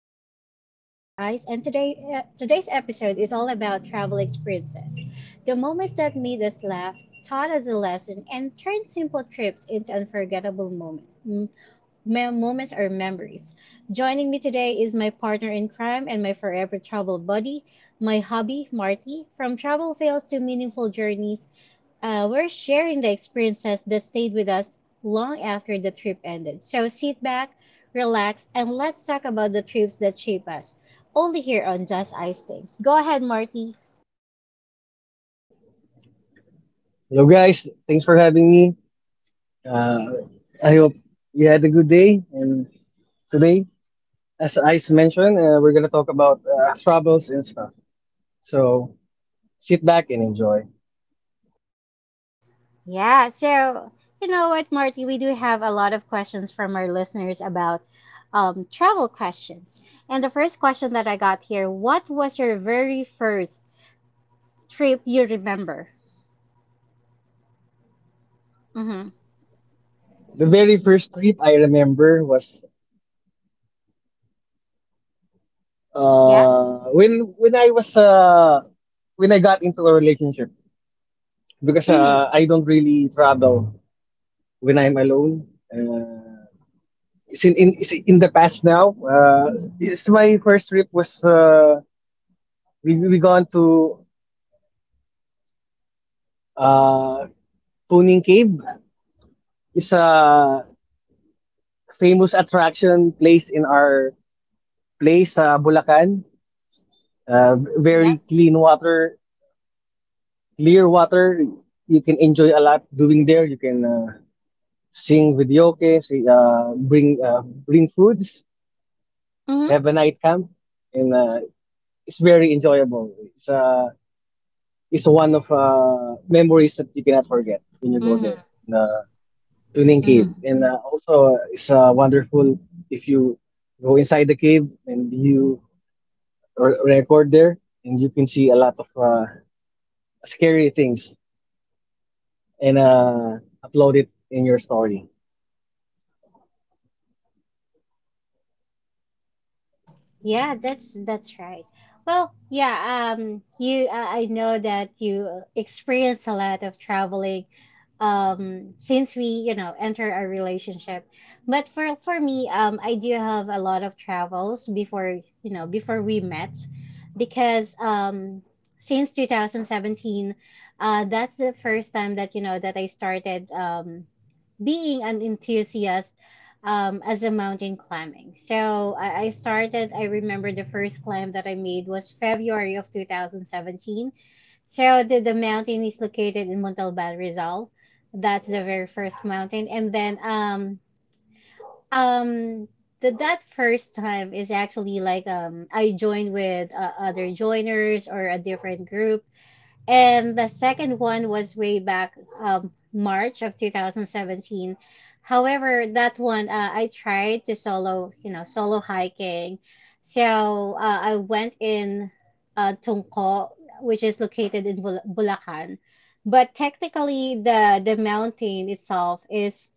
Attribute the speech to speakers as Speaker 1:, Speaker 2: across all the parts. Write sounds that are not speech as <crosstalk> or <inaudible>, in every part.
Speaker 1: Things. I'm your host Ice and today's episode is all about travel experiences. The moments that made us laugh, taught us a lesson and turned simple trips into unforgettable moments or memories. Joining me today is my partner in crime and my forever travel buddy, my hubby Marty. From travel fails to meaningful journeys, we're sharing the experiences that stayed with us long after the trip ended. So sit back, relax, and let's talk about the trips that shape us. Only here on Just Ice Things. Go ahead, Marty.
Speaker 2: Hello guys, thanks for having me. Uh, I hope you had a good day. And today, as Ice mentioned, we're gonna talk about travels and stuff. So sit back and enjoy.
Speaker 1: Yeah, so you know what, Marty, we do have a lot of questions from our listeners about travel questions. And the first question that I got here, what was your very first trip you remember? Mm-hmm.
Speaker 2: The very first trip I remember was
Speaker 1: Yeah.
Speaker 2: uh, when when I was uh, when I got into a relationship because
Speaker 1: Mm-hmm.
Speaker 2: I don't really travel when I'm alone. It's in the past now, it's my first trip was we gone to Uh, Tuning Cave is a famous attraction place in our place sa Bulacan.
Speaker 1: Yeah.
Speaker 2: Very clean water, clear water. You can enjoy a lot doing there. You can sing videoke, bring bring foods,
Speaker 1: Mm-hmm.
Speaker 2: have a night camp, and it's very enjoyable. It's one of memories that you cannot forget when you go
Speaker 1: Mm-hmm.
Speaker 2: there. uh, Tuning Cave.
Speaker 1: Mm-hmm.
Speaker 2: And also, it's wonderful if you go inside the cave and you record there, and you can see a lot of scary things and upload it in your story.
Speaker 1: Yeah, that's right. Well, yeah, you I know that you experience a lot of traveling, since we enter our relationship. But for me, I do have a lot of travels before before we met, because since 2017, that's the first time that that I started being an enthusiast as a mountain climbing. So I remember the first climb that I made was February of 2017. So the mountain is located in Montalban Rizal. That's the very first mountain. And then um, that first time is actually like I joined with other joiners or a different group and the second one was way back March of 2017. However, that one I tried to solo, solo hiking. So I went in Tungko, which is located in Bulacan. But technically, the mountain itself is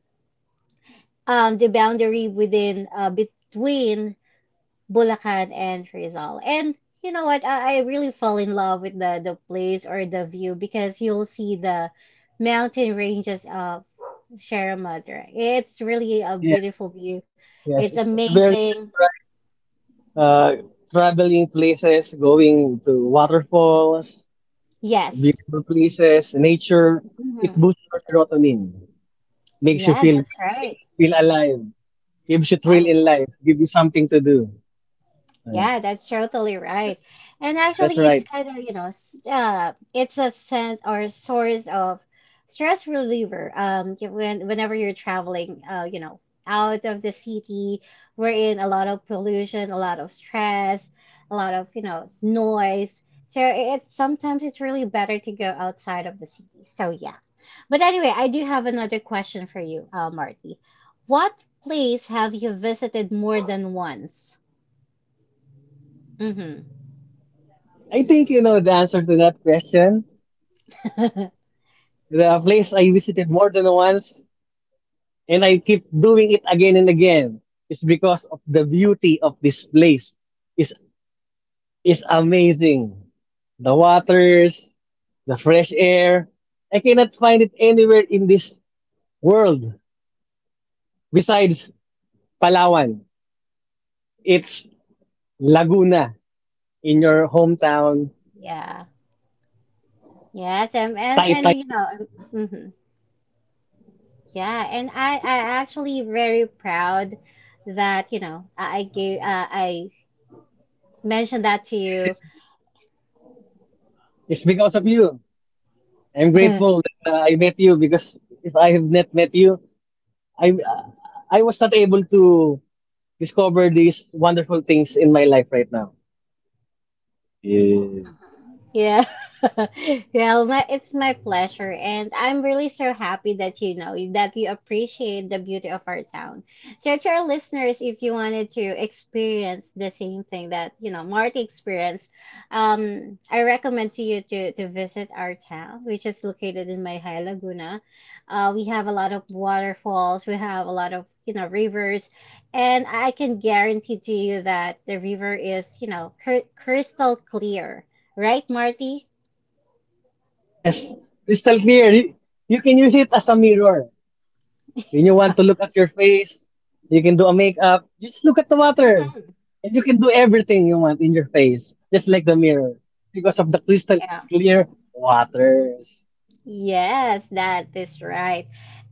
Speaker 1: the boundary within between Bulacan and Rizal. And you know what? I really fell in love with the place or the view because you'll see the mountain ranges of Sierra Madre. It's really a
Speaker 2: Yes,
Speaker 1: beautiful view.
Speaker 2: yes,
Speaker 1: It's
Speaker 2: it's very
Speaker 1: amazing.
Speaker 2: nice, right? Uh, Traveling places, going to waterfalls,
Speaker 1: Yes.
Speaker 2: beautiful places, nature. It
Speaker 1: Hmm.
Speaker 2: boosts your serotonin, makes you
Speaker 1: Yeah,
Speaker 2: feel
Speaker 1: that's
Speaker 2: good,
Speaker 1: right.
Speaker 2: makes you feel alive, gives you thrill
Speaker 1: I
Speaker 2: in life, gives you something to do. Yeah.
Speaker 1: Yeah, that's totally right.
Speaker 2: That's,
Speaker 1: And
Speaker 2: yeah, that's
Speaker 1: actually, it's
Speaker 2: right.
Speaker 1: kind of, it's a sense or source of stress reliever. Whenever you're traveling, out of the city, we're in a lot of pollution, a lot of stress, a lot of, noise. So it's sometimes it's really better to go outside of the city. So yeah. But anyway, I do have another question for you, Marty. What place have you visited more than once? Mm-hmm.
Speaker 2: I think you know the answer to that question.
Speaker 1: <laughs>
Speaker 2: The place I visited more than once, and I keep doing it again and again, is because of the beauty of this place. It's, it's amazing. The waters, the fresh air. I cannot find it anywhere in this world besides Palawan. It's Laguna in your hometown,
Speaker 1: Yeah. Yes, and and, and
Speaker 2: Taytay
Speaker 1: you know,
Speaker 2: Falls.
Speaker 1: hmm, yeah, and I
Speaker 2: Taytay Falls.
Speaker 1: actually very proud that I mentioned that to
Speaker 2: Yes,
Speaker 1: you.
Speaker 2: it's because of you. I'm grateful
Speaker 1: <laughs>
Speaker 2: that I met you because if I have not met you, I I was not able to discover these wonderful things in my life right now.
Speaker 1: Yeah. <laughs> Well, it's my pleasure, and I'm really so happy that that you appreciate the beauty of our town. So, to our listeners, if you wanted to experience the same thing that Marty experienced, I recommend to you to visit our town, which is located in Mayhay, Laguna. We have a lot of waterfalls, we have a lot of rivers, and I can guarantee to you that the river is crystal clear, right, Marty?
Speaker 2: Yes, crystal clear. You can use it as a mirror. When you want to look at your face, you can do a makeup. Just look at the water, and you can do everything you want in your face, just like the mirror, because of the crystal
Speaker 1: Yeah.
Speaker 2: clear waters.
Speaker 1: Yes, that is right.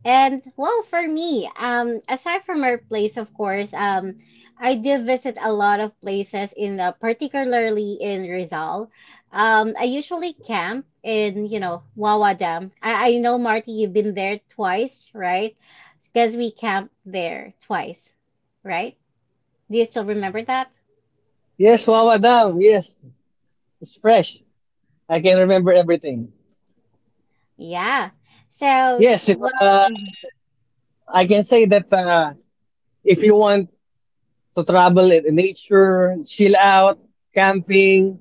Speaker 1: And well, for me, aside from our place, of course, I do visit a lot of places in particularly in Rizal. I usually camp in, Wawa Dam. I know, Marty, you've been there twice, right? Because we camped there twice, right? Do you still remember that?
Speaker 2: Yes, Wawa Dam. Yes, it's fresh. I can remember everything.
Speaker 1: Yeah. So,
Speaker 2: Yes, if
Speaker 1: well, mhm.
Speaker 2: I can say that if you want to travel in nature, chill out, camping,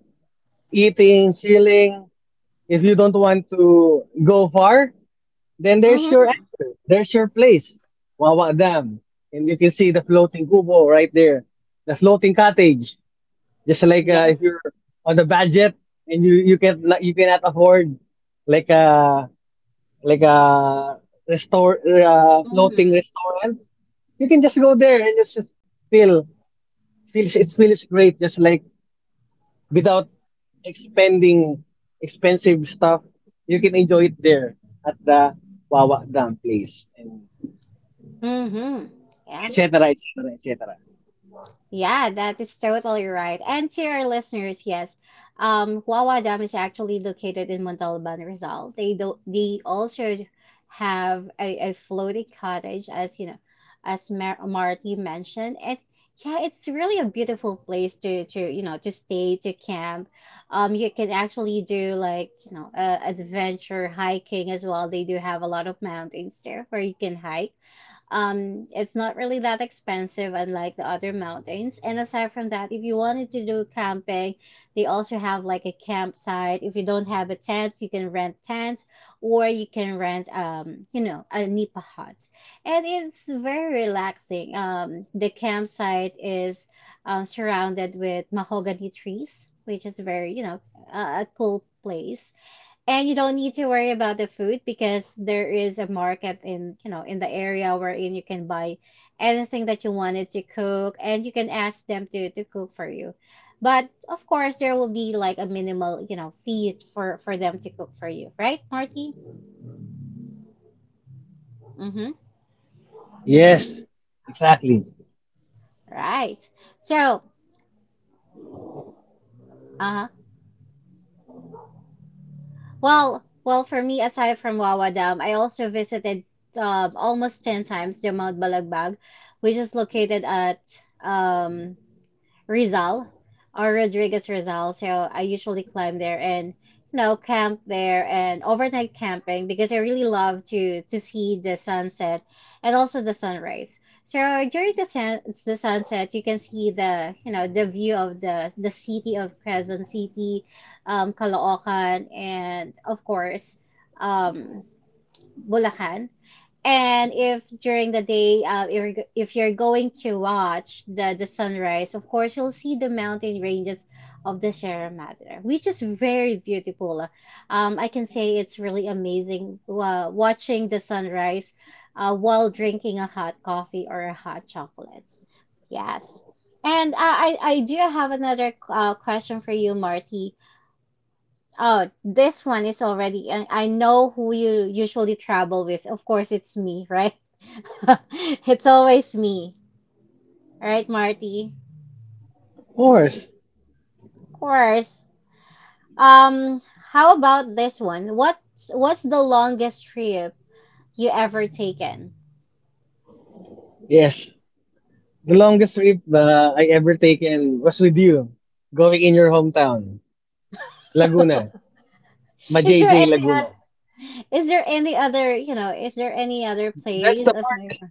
Speaker 2: eating, chilling, if you don't want to go far, then there's your
Speaker 1: Mm-hmm.
Speaker 2: answer. There's your place, Wawa Dam. And you can see the floating kubo right there, the floating cottage. Just like
Speaker 1: Yes.
Speaker 2: if you're on the budget and you cannot afford like uh, like a restore floating
Speaker 1: Mm-hmm.
Speaker 2: restaurant. You can just go there and just feel feels great just like without expending expensive stuff. You can enjoy it there at the Wawa Dam place and
Speaker 1: Mm-hmm. Yeah.
Speaker 2: etc. etc. etc.
Speaker 1: Yeah, that is totally right. And to our listeners, yes, Wawa Dam is actually located in Montalban, Rizal. They also have a floating cottage, as Marty mentioned, and yeah, it's really a beautiful place to stay to camp. You can actually do like adventure hiking as well. They do have a lot of mountains there where you can hike. It's not really that expensive, unlike the other mountains. And aside from that, if you wanted to do camping, they also have like a campsite. If you don't have a tent, you can rent tents, or you can rent, a nipa hut, and it's very relaxing. The campsite is surrounded with mahogany trees, which is very, a a cool place and you don't need to worry about the food because there is a market in the area wherein you can buy anything that you wanted to cook and you can ask them to cook for you. But of course, there will be like a minimal, fee for them to cook for you, right, Marty? Mm-hmm.
Speaker 2: Yes, exactly.
Speaker 1: Right. So, uh-huh. Well, for me, aside from Wawa Dam, I also visited almost 10 times the Mount Balagbag, which is located at um, Rizal or Rodriguez Rizal. So I usually climb there and camp there and overnight camping because I really love to see the sunset and also the sunrise. So during the sunset, you can see the you know the view of the city of Quezon City, Caloocan, and of course, um, Bulacan. And if during the day, if you're going to watch the sunrise, of course you'll see the mountain ranges of the Sierra Madre, which is very beautiful. I can say it's really amazing watching the sunrise while drinking a hot coffee or a hot chocolate. Yes. And I do have another question for you, Marty. Oh, this one is already. I know who you usually travel with. Of course, it's me, right? <laughs> It's always me, right, Marty?
Speaker 2: Of course.
Speaker 1: Of course. Um, how about this one? What's the longest trip you ever taken?
Speaker 2: Yes. The longest trip I ever taken was with you, going in your hometown, Laguna,
Speaker 1: Is there
Speaker 2: Majayjay
Speaker 1: any uh,
Speaker 2: Laguna.
Speaker 1: is there any other, you know, is there any other
Speaker 2: That's
Speaker 1: place
Speaker 2: the
Speaker 1: aside?
Speaker 2: farthest.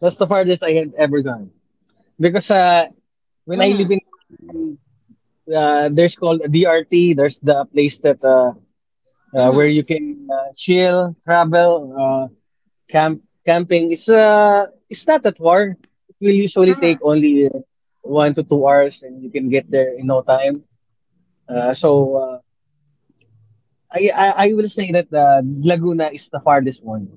Speaker 2: That's the farthest I have ever gone. Because when I live
Speaker 1: Mm-hmm.
Speaker 2: in Bulacan, there's called DRT. There's the place that where
Speaker 1: Mm-hmm.
Speaker 2: you can chill, travel, camp, camping. It's not that far. It will usually take
Speaker 1: Mm-hmm.
Speaker 2: only 1 to 2 hours, and you can get there in no time. So I will say that Laguna is the farthest one.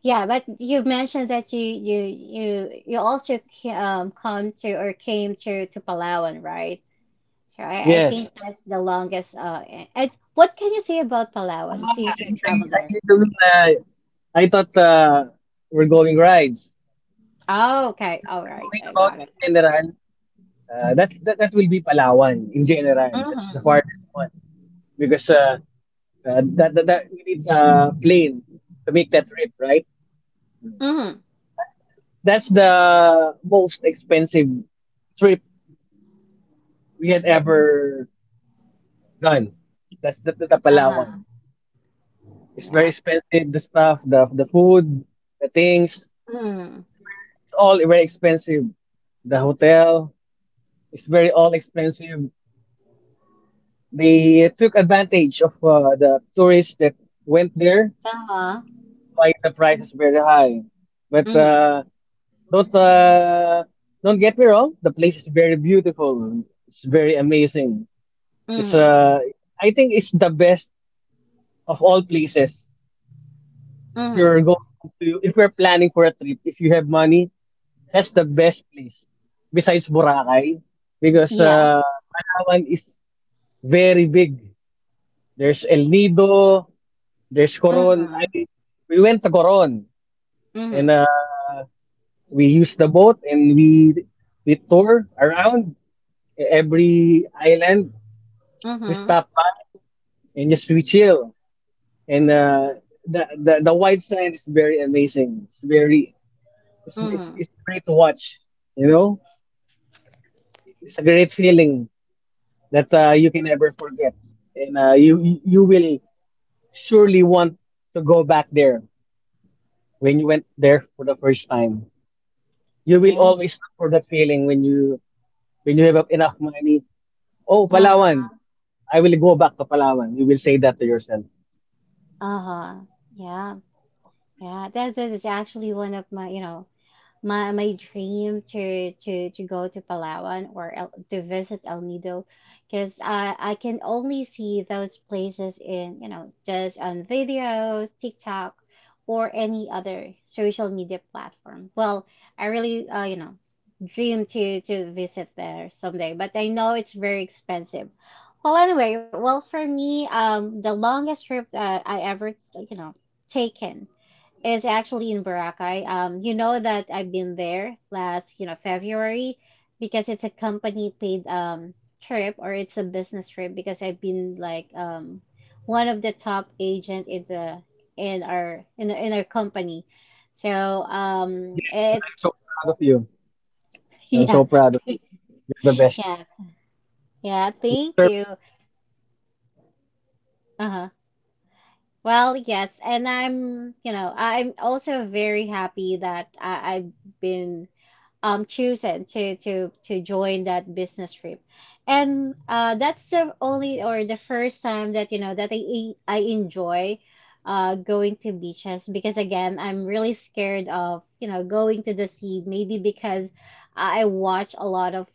Speaker 1: Yeah, but you mentioned that you also come to or came to Palawan, right? So I
Speaker 2: Yes.
Speaker 1: think that's the longest. And what can you say about Palawan since you traveled there?
Speaker 2: You mean, I thought we're going rides.
Speaker 1: Oh,
Speaker 2: If
Speaker 1: okay, all
Speaker 2: you're
Speaker 1: right,
Speaker 2: talking
Speaker 1: I
Speaker 2: about
Speaker 1: got
Speaker 2: in
Speaker 1: it.
Speaker 2: general, that will be Palawan in general. That's the
Speaker 1: Mhm.
Speaker 2: farthest one because that, that that we need a plane to make that trip, right?
Speaker 1: Mhm.
Speaker 2: That's that's the most expensive trip we had ever done. That's the
Speaker 1: Uh huh.
Speaker 2: Palawan. It's very
Speaker 1: Yep.
Speaker 2: expensive. The stuff, the food, the things.
Speaker 1: Mhm.
Speaker 2: It's all very expensive. The hotel is very all expensive. They took advantage of the tourists that went there.
Speaker 1: Uh huh.
Speaker 2: That's why the price is very high. But
Speaker 1: Mhm.
Speaker 2: uh, don't uh, don't get me wrong. The place is very beautiful. It's very amazing. It's
Speaker 1: Mhm.
Speaker 2: I think it's the best of all places.
Speaker 1: Mhm.
Speaker 2: If you're planning for a trip, if you have money, that's the best place besides Boracay because
Speaker 1: Yeah.
Speaker 2: Palawan is very big. There's El Nido, there's Coron.
Speaker 1: Mhm.
Speaker 2: I We went to Coron and
Speaker 1: Mhm.
Speaker 2: we used the boat and we tour around every island. We
Speaker 1: Mhm.
Speaker 2: stop by and just we chill. And the white sand is very amazing. It's very
Speaker 1: Mhm.
Speaker 2: it's great to watch. You know, it's a great feeling that you can never forget, and you will surely want to go back there when you went there for the first time. You will
Speaker 1: Yeah.
Speaker 2: always look for that feeling when you have enough money. Oh,
Speaker 1: Uh huh.
Speaker 2: Palawan, I will go back to Palawan. You will say that to yourself.
Speaker 1: Uh huh. Yeah. Yeah, that is actually one of my, you know, my dream to go to Palawan or to visit El Nido, because I can only see those places just on videos, TikTok, or any other social media platform. Well, I really, dream to visit there someday, but I know it's very expensive. Well, anyway, well for me, the longest trip that I ever, you know, taken is actually in Boracay. You know that I've been there last, February because it's a company paid trip or it's a business trip because I've been like one of the top agent in the in our company. So
Speaker 2: Yes, and
Speaker 1: it's
Speaker 2: I'm so proud of you.
Speaker 1: <laughs>
Speaker 2: I'm
Speaker 1: yeah.
Speaker 2: so proud of you.
Speaker 1: <laughs>
Speaker 2: You're the best.
Speaker 1: Yeah. Yeah,
Speaker 2: You
Speaker 1: thank
Speaker 2: deserve
Speaker 1: you.
Speaker 2: it.
Speaker 1: Uh-huh. Well, yes, and I'm also very happy that I've been chosen to join that business trip and that's the only or the first time that that I enjoy going to beaches because again I'm really scared of going to the sea maybe because I watch a lot of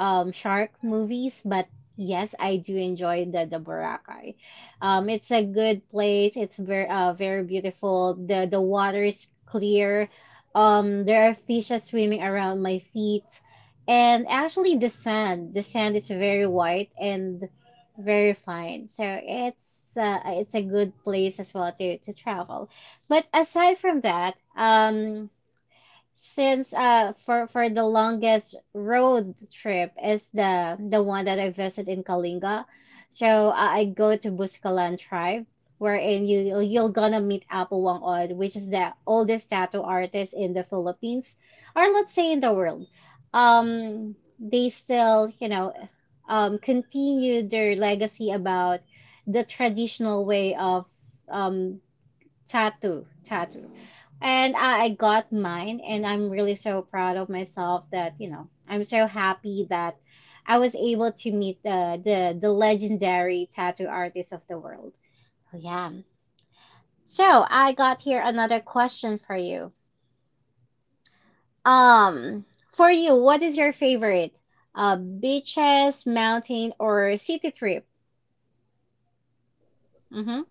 Speaker 1: shark movies, but yes, I do enjoy the Boracay. It's a good place. It's very very beautiful. The water is clear. There are fishes swimming around my feet, and actually the sand is very white and very fine. It's a good place as well to travel, but aside from that um since for the longest road trip is the one that I visit in Kalinga. So I go to Buscalan tribe wherein you're gonna meet Apolwang Od, which is the oldest tattoo artist in the Philippines or let's say in the world. They still, continue their legacy about the traditional way of um tattoo and I got mine and I'm really so proud of myself that I'm so happy that I was able to meet the legendary tattoo artist of the world. Oh, yeah. So I got here another question for you. um what is your favorite beaches, mountain, or city trip? Mm-hmm.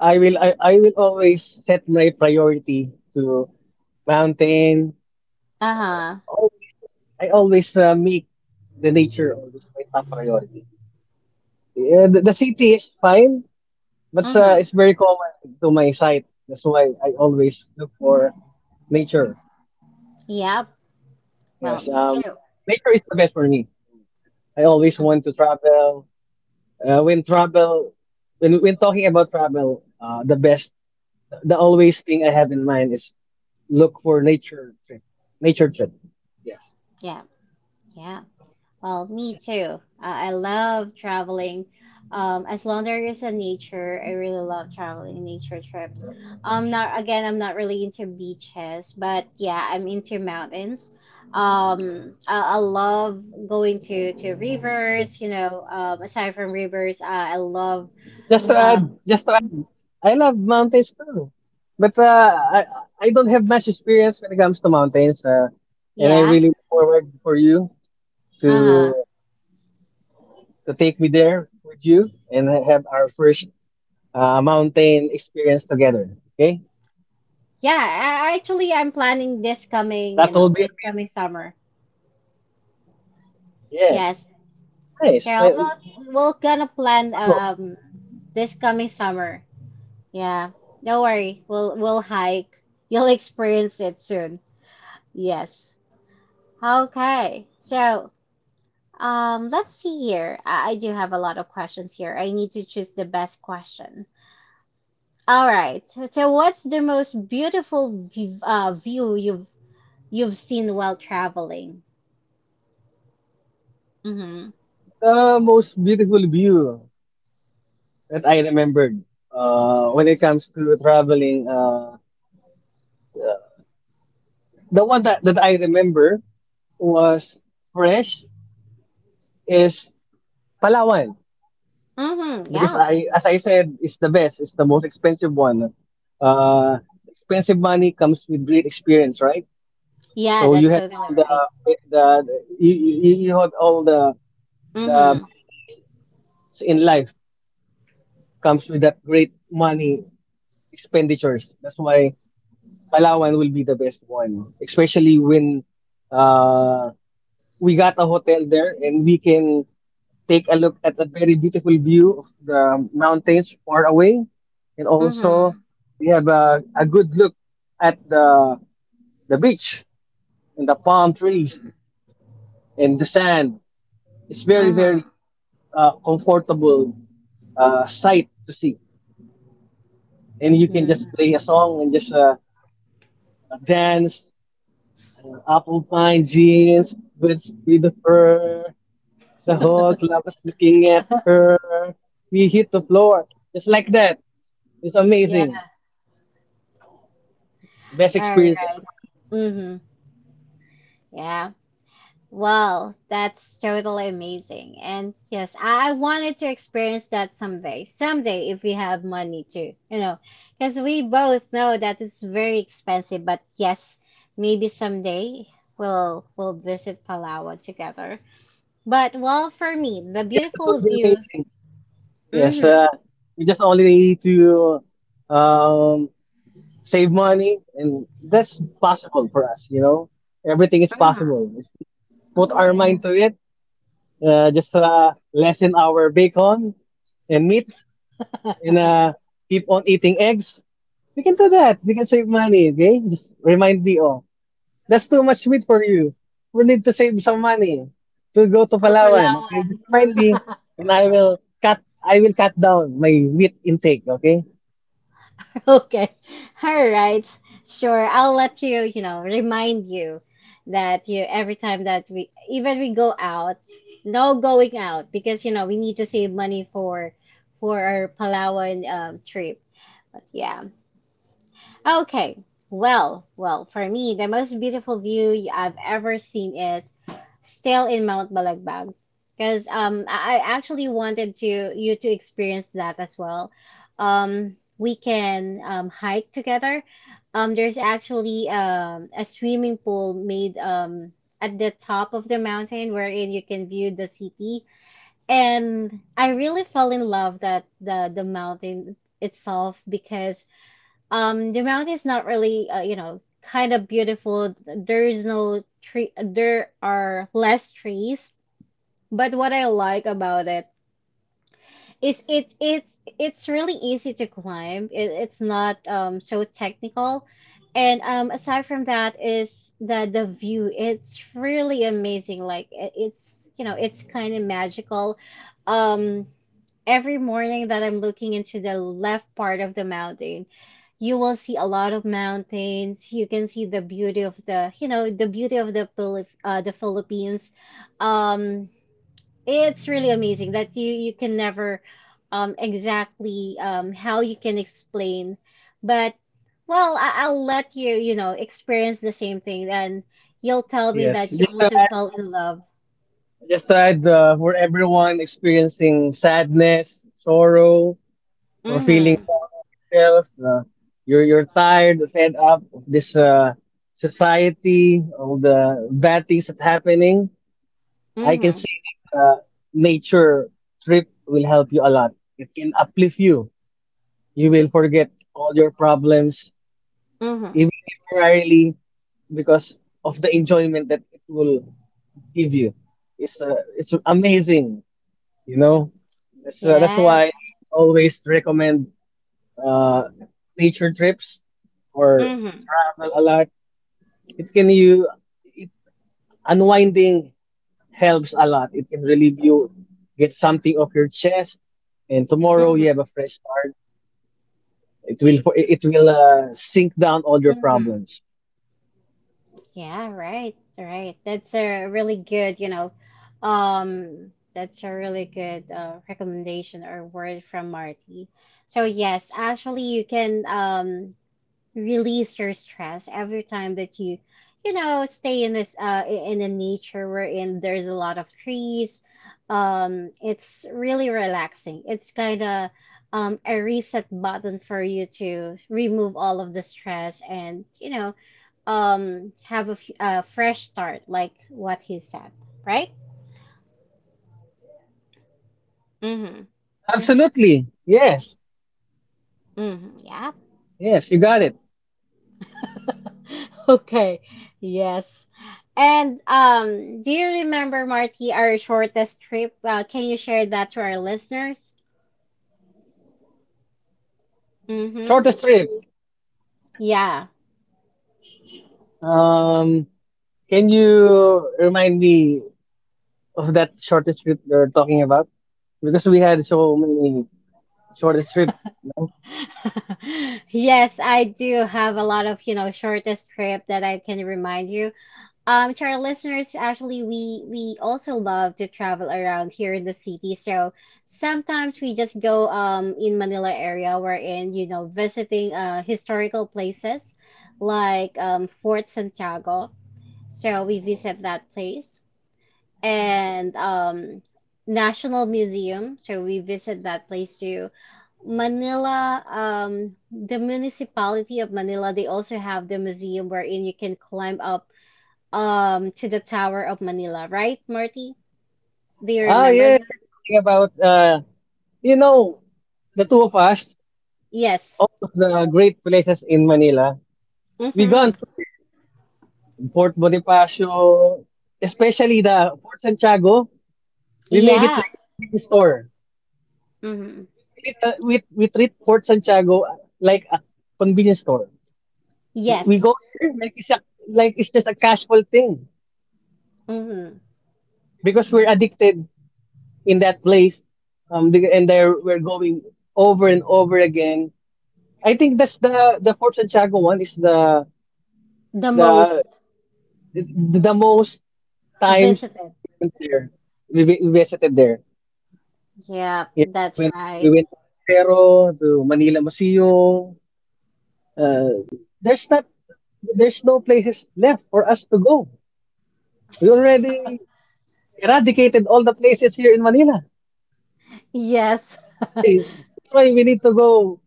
Speaker 2: I will always set my priority to mountain,
Speaker 1: Uh-huh.
Speaker 2: always. I always make the nature always my top priority. Yeah, the city is fine, but it's
Speaker 1: Mm-hmm.
Speaker 2: very common to my site. That's why I always look for nature.
Speaker 1: Yep. Well,
Speaker 2: Yes,
Speaker 1: me too.
Speaker 2: nature is the best for me. I always want
Speaker 1: Mhm.
Speaker 2: to travel. Uh, when travel, when talking about travel, the always thing I have in mind is look for nature trip, nature trip. Yes.
Speaker 1: Yeah. Yeah. Well, me too. I love traveling. As long there is a nature, I really love traveling nature trips.
Speaker 2: Yes.
Speaker 1: Not again, I'm not really into beaches, but yeah, I'm into mountains. I love going to rivers. Aside from rivers, I love.
Speaker 2: Just to
Speaker 1: Uh,
Speaker 2: add, I love mountains too, but I don't have much experience when it comes to mountains, and I
Speaker 1: yeah.
Speaker 2: really look forward for you
Speaker 1: Uh huh.
Speaker 2: to take me there with you and have our first mountain experience together. Okay,
Speaker 1: Yeah. Actually, I'm planning this coming. You
Speaker 2: that will
Speaker 1: know,
Speaker 2: be
Speaker 1: this coming
Speaker 2: amazing.
Speaker 1: summer.
Speaker 2: Yes,
Speaker 1: Yes.
Speaker 2: nice.
Speaker 1: Cheryl, we're gonna plan
Speaker 2: Bravo.
Speaker 1: this coming summer. Yeah. Don't worry. We'll hike. You'll experience it soon. Yes. Okay. So, let's see here. I do have a lot of questions here. I need to choose the best question. All right. So what's the most beautiful view, view you've seen while traveling? Mm-hmm.
Speaker 2: The most beautiful view that I remembered when it comes to traveling. The one that I remember was fresh is Palawan
Speaker 1: Mm-hmm.
Speaker 2: because
Speaker 1: Yeah.
Speaker 2: I as I said, it's the best, it's the most expensive one, uh expensive money comes with great experience, right?
Speaker 1: Yeah,
Speaker 2: So you
Speaker 1: that's
Speaker 2: have
Speaker 1: totally
Speaker 2: all the
Speaker 1: right.
Speaker 2: be- the you, you you have all the
Speaker 1: Mm-hmm.
Speaker 2: best things in life comes with that great money expenditures. That's why Palawan will be the best one, especially when uh we got a hotel there and we can take a look at a very beautiful view of the mountains far away. And also,
Speaker 1: Mm-hmm.
Speaker 2: we have a good look at the beach and the palm trees
Speaker 1: Mm-hmm.
Speaker 2: and the sand. It's very,
Speaker 1: Mm-hmm.
Speaker 2: very comfortable sight to see. And you can just
Speaker 1: Mm-hmm.
Speaker 2: play a song and just dance, apple pine jeans, with the fur. The whole club is looking at her. We hit the floor just like that. It's
Speaker 1: Yeah.
Speaker 2: amazing. Best
Speaker 1: All
Speaker 2: experience
Speaker 1: right.
Speaker 2: ever.
Speaker 1: Mm-hmm. Yeah. Well, that's totally amazing. And yes, I wanted to experience that someday. Someday, if we have money to, you know, because we both know that it's very expensive. But yes, maybe someday we'll visit Palawan together. But well, for me, the
Speaker 2: Yes, that
Speaker 1: beautiful
Speaker 2: will be
Speaker 1: view.
Speaker 2: amazing. Yes,
Speaker 1: Mm-hmm.
Speaker 2: we just only need to um, save money, and that's possible for us. Everything is possible if we put our mind to it. Just Lessen our bacon and meat, and keep on eating eggs. We can do that. We can save money. Okay, just remind me. Oh. That's too much meat for you. We need to save some money to go to
Speaker 1: For
Speaker 2: Palawan.
Speaker 1: Palawan.
Speaker 2: Okay, just remind me, and I will cut down my meat intake. Okay.
Speaker 1: <laughs> Okay. All right. Sure. I'll let you, you know, remind you that you every time that we even we go out, no going out because you know we need to save money for our Palawan trip. But yeah. Okay. Well, well, for me, the most beautiful view I've ever seen is still in Mount Balagbag. Because I actually wanted to you to experience that as well. We can hike together. There's actually a swimming pool made at the top of the mountain wherein you can view the city. And I really fell in love that the mountain itself because the mountain is not really, you know, kind of beautiful. There is no tree. There are less trees. But what I like about it is it's really easy to climb. It's not so technical, and aside from that is the view. It's really amazing. Like it's you know it's kind of magical. Um, every morning that I'm looking into the left part of the mountain, you will see a lot of mountains. You can see the beauty of the, you know, the beauty of the Philip the Philippines. Um, it's really amazing that you can never exactly how you can explain, but well, I'll let you you know experience the same thing, and you'll tell me
Speaker 2: Yes.
Speaker 1: that you
Speaker 2: Just to
Speaker 1: also
Speaker 2: add,
Speaker 1: fell in love.
Speaker 2: for everyone experiencing sadness, sorrow, or feeling
Speaker 1: Mhm.
Speaker 2: down on yourself, you're tired, fed up of this society, all the bad things that happening. I can
Speaker 1: Mhm.
Speaker 2: say that nature trip will help you a lot. It can uplift you. You will forget all your problems,
Speaker 1: Mhm.
Speaker 2: even temporarily, because of the enjoyment that it will give you. It's amazing, you know. That's why
Speaker 1: Yes.
Speaker 2: I always recommend uh, nature trips or
Speaker 1: Mhm.
Speaker 2: travel a lot. It can you it, Unwinding helps a lot. It can relieve you, get something off your chest, and tomorrow you have
Speaker 1: Hmm.
Speaker 2: a fresh start. It will sink down all your
Speaker 1: Hmm.
Speaker 2: problems.
Speaker 1: Yeah, right. That's a really good, you know, that's a really good recommendation or word from Marty. So yes, actually, you can release your stress every time that you know, stay in this in the nature wherein there's a lot of trees. It's really relaxing. It's kind of a reset button for you to remove all of the stress and you know have a fresh start like what he said, right? Mm-hmm.
Speaker 2: Absolutely, yes,
Speaker 1: Mm-hmm. Yep.
Speaker 2: yes, you got it.
Speaker 1: <laughs> Okay. Yes. And do you remember, Marty, our shortest trip? Can you share that to our listeners? Mm-hmm.
Speaker 2: Shortest trip.
Speaker 1: Yeah.
Speaker 2: Um, can you remind me of that shortest trip you're talking about? Because we had so many shortest trip, you know.
Speaker 1: <laughs> Yes, I do have a lot of you know shortest trip that I can remind you. To our listeners, actually, we also love to travel around here in the city. So sometimes we just go in Manila area, we're in you know visiting historical places like Fort Santiago. So we visit that place and National Museum. So we visit that place too. Manila, the municipality of Manila, they also have the museum wherein you can climb up to the Tower of Manila, right, Marty? Do you
Speaker 2: Ah,
Speaker 1: remember that?
Speaker 2: yes, you're talking about you know, the two of us,
Speaker 1: Yes.
Speaker 2: all of the great places in Manila. We gone
Speaker 1: Mm-hmm.
Speaker 2: through there. Fort Bonifacio, especially the Fort Santiago, we made it
Speaker 1: Yeah.
Speaker 2: like a convenience store.
Speaker 1: Mm-hmm.
Speaker 2: We treat Fort Santiago like a convenience store. We
Speaker 1: Yes.
Speaker 2: go there like it's just a casual thing
Speaker 1: Mm-hmm.
Speaker 2: because we're addicted in that place, and there we're going over and over again. I think that's the Fort Santiago one is
Speaker 1: The
Speaker 2: the
Speaker 1: most
Speaker 2: the, the most times
Speaker 1: visited.
Speaker 2: we went there. We visited there.
Speaker 1: Yeah,
Speaker 2: Yes, we
Speaker 1: that's
Speaker 2: went
Speaker 1: right.
Speaker 2: we went to Aracero, to Manila Museo. Uh, there's not there's no places left for us to go. We already eradicated all the places here in Manila.
Speaker 1: Yes.
Speaker 2: That's
Speaker 1: <laughs>
Speaker 2: why that's why we need to go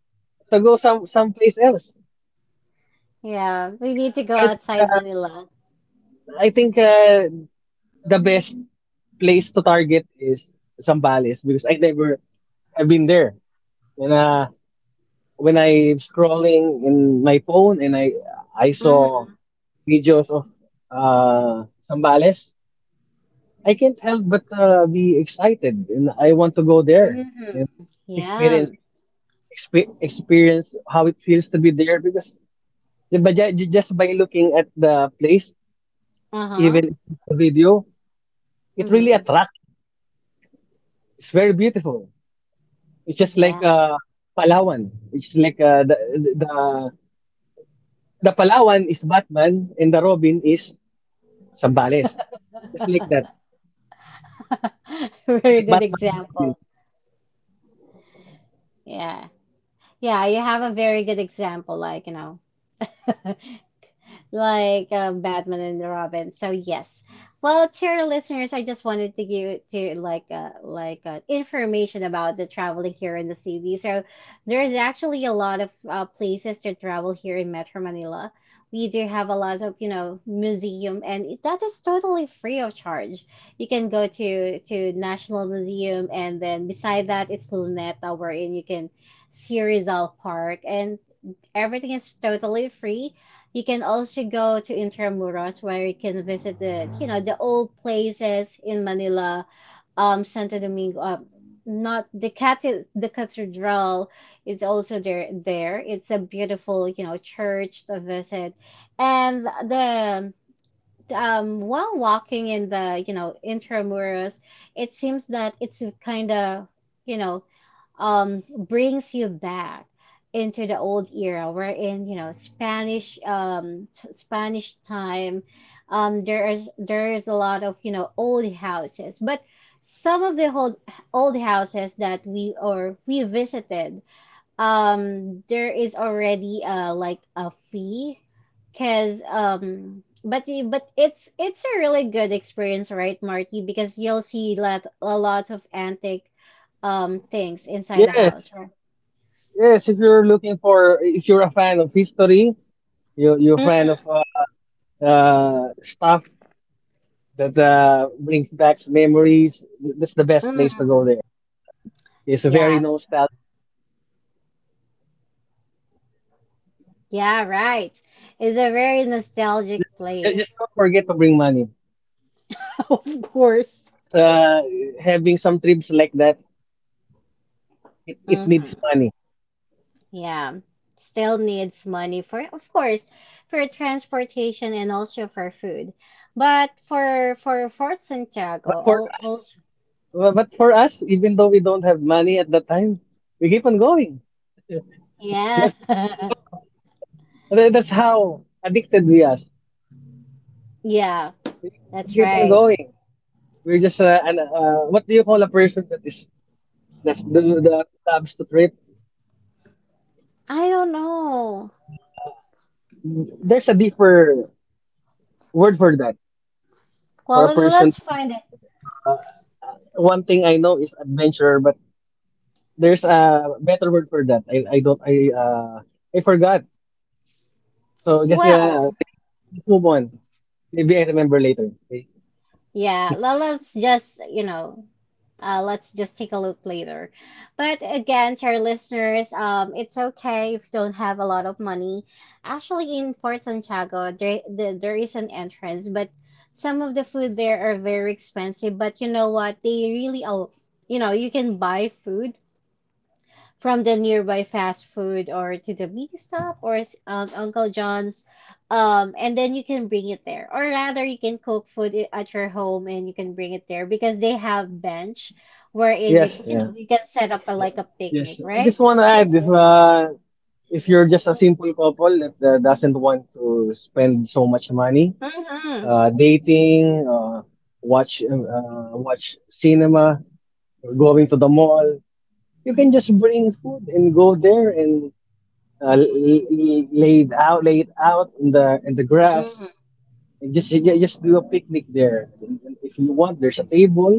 Speaker 2: to go someplace else.
Speaker 1: Yeah, we
Speaker 2: And
Speaker 1: need to go outside Manila.
Speaker 2: I think the best place to target is Zambales because I never have been there. And when I scrolling in my phone and I saw
Speaker 1: Mm-hmm.
Speaker 2: videos of Sambales, I can't help but be excited and I want to go there
Speaker 1: Mm-hmm.
Speaker 2: and
Speaker 1: Yeah.
Speaker 2: experience experience how it feels to be there because but just by looking at the place,
Speaker 1: Uh-huh.
Speaker 2: even it's just a video, it really
Speaker 1: Mm-hmm.
Speaker 2: attracts you. It's very beautiful. It's just like
Speaker 1: Yeah.
Speaker 2: Palawan. It's like the the Palawan is Batman and the Robin is Sambales. Just like that.
Speaker 1: <laughs>
Speaker 2: It's
Speaker 1: Very
Speaker 2: like
Speaker 1: good
Speaker 2: Batman and
Speaker 1: example.
Speaker 2: Robin.
Speaker 1: Yeah. Yeah, you have a very good example, like, you know, <laughs> like Batman and Robin. So yes. Well, to your listeners, I just wanted to give to like information about the traveling here in the city. So there's actually a lot of places to travel here in Metro Manila. We do have a lot of you know museum, and that is totally free of charge. You can go to National Museum, and then beside that, it's Luneta, wherein you can see Rizal Park, and everything is totally free. You can also go to Intramuros where you can visit the you know the old places in Manila, Santo Domingo, not the cathedral is also there. It's a beautiful you know church to visit, and the while walking in the, you know, intramuros, it seems that it's kind of, you know, brings you back into the old era. We're in, you know, Spanish, Spanish time. There is a lot of, you know, old houses, but some of the old houses that we or we visited there is already like a fee because but it's a really good experience, right, Marty? Because you'll see lot of antique things inside the
Speaker 2: Yes.
Speaker 1: house, right?
Speaker 2: Yes, if you're a fan of history, you're a fan of
Speaker 1: Mm-hmm.
Speaker 2: stuff that brings back memories, that's the best place to
Speaker 1: Mm-hmm.
Speaker 2: go there. Um, it's very
Speaker 1: Yeah.
Speaker 2: nostalgic.
Speaker 1: Yeah, right. It's a very nostalgic
Speaker 2: Just don't yeah,
Speaker 1: place.
Speaker 2: just don't forget to bring money
Speaker 1: <laughs>
Speaker 2: because having some trips like that it needs
Speaker 1: Mm-hmm.
Speaker 2: money.
Speaker 1: Yeah, still needs money for, of course, for transportation and also for food. But for Fort Santiago,
Speaker 2: But for
Speaker 1: al-
Speaker 2: us,
Speaker 1: also,
Speaker 2: But for us, even though we don't have money at that time, we keep on going.
Speaker 1: yeah,
Speaker 2: That's
Speaker 1: <laughs>
Speaker 2: how uh, that's how addicted we are.
Speaker 1: yeah,
Speaker 2: We
Speaker 1: that's
Speaker 2: keep on
Speaker 1: right.
Speaker 2: going. We're just what do you call a person that loves to trip?
Speaker 1: I don't know.
Speaker 2: Uh, there's a deeper word for that.
Speaker 1: Well,
Speaker 2: For a person
Speaker 1: let's
Speaker 2: to be
Speaker 1: find it.
Speaker 2: called, one thing I know is adventurer, but there's a better word for that. I don't I forgot. So just
Speaker 1: Well,
Speaker 2: okay, let's move on. Maybe I remember later. Okay.
Speaker 1: yeah, let's just, you know, let's just take a look later. But again, to our listeners, it's okay if you don't have a lot of money. Actually, in Fort Santiago, there is an entrance, but some of the food there are very expensive. But you know what? They really, you know, you can buy food from the nearby fast food or to the mini stop or Uncle John's. And then you can bring it there, or rather, you can cook food at your home and you can bring it there because they have bench wherein you
Speaker 2: Yes,
Speaker 1: can, you
Speaker 2: yeah,
Speaker 1: know, you can set up a,
Speaker 2: yeah,
Speaker 1: like a picnic,
Speaker 2: yes. I
Speaker 1: right?
Speaker 2: just want to add
Speaker 1: Because,
Speaker 2: if you're just a simple couple that doesn't want to spend so much money,
Speaker 1: mm-hmm,
Speaker 2: dating, watch cinema, or going to the mall, you can just bring food and go there and lay it out in the grass.
Speaker 1: mm-hmm,
Speaker 2: And just just do a picnic there. And if you want, there's a table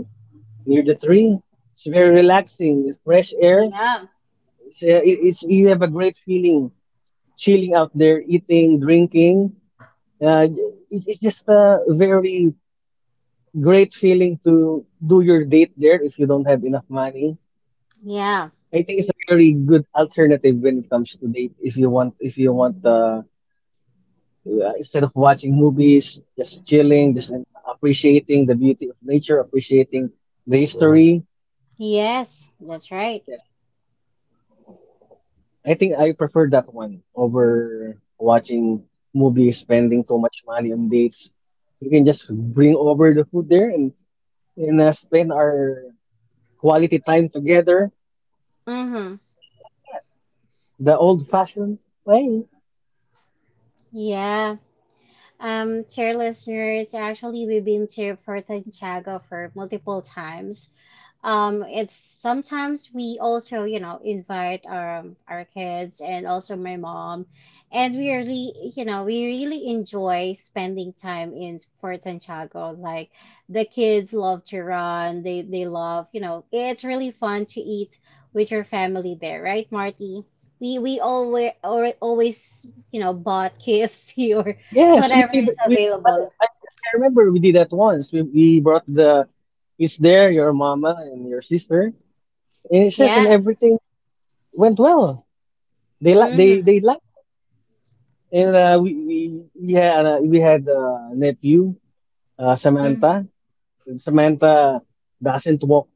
Speaker 2: near the tree. It's very relaxing. It's fresh air.
Speaker 1: yeah,
Speaker 2: It's you have a great feeling chilling out there, eating, drinking. Uh, it's just a very great feeling to do your date there if you don't have enough money.
Speaker 1: yeah,
Speaker 2: I think it's a very good alternative when it comes to date if you want instead of watching movies, just chilling, just appreciating the beauty of nature, appreciating the history.
Speaker 1: yes, that's right.
Speaker 2: Yes, I think I prefer that one over watching movies, spending too much money on dates. We can just bring over the food there and spend our quality time together,
Speaker 1: Mm-hmm.
Speaker 2: just like that, the old-fashioned way.
Speaker 1: Yeah. To your listeners, actually, we've been to Puerto Chago for multiple times. It's sometimes we also, you know, invite our kids and also my mom, and we really, you know, we really enjoy spending time in Fort Santiago. Like the kids love to run, they love, you know, it's really fun to eat with your family there, right, Marty? We always or always, you know, bought <laughs> KFC or
Speaker 2: Yes, we
Speaker 1: whatever
Speaker 2: did.
Speaker 1: is
Speaker 2: We did.
Speaker 1: available.
Speaker 2: As I remember, we did that once. We brought the is there, your mama and your sister, and it's just
Speaker 1: Yeah.
Speaker 2: and everything went well. They
Speaker 1: Mm-hmm.
Speaker 2: liked it, and we had a nephew
Speaker 1: Mm-hmm.
Speaker 2: Samantha. Samantha doesn't walk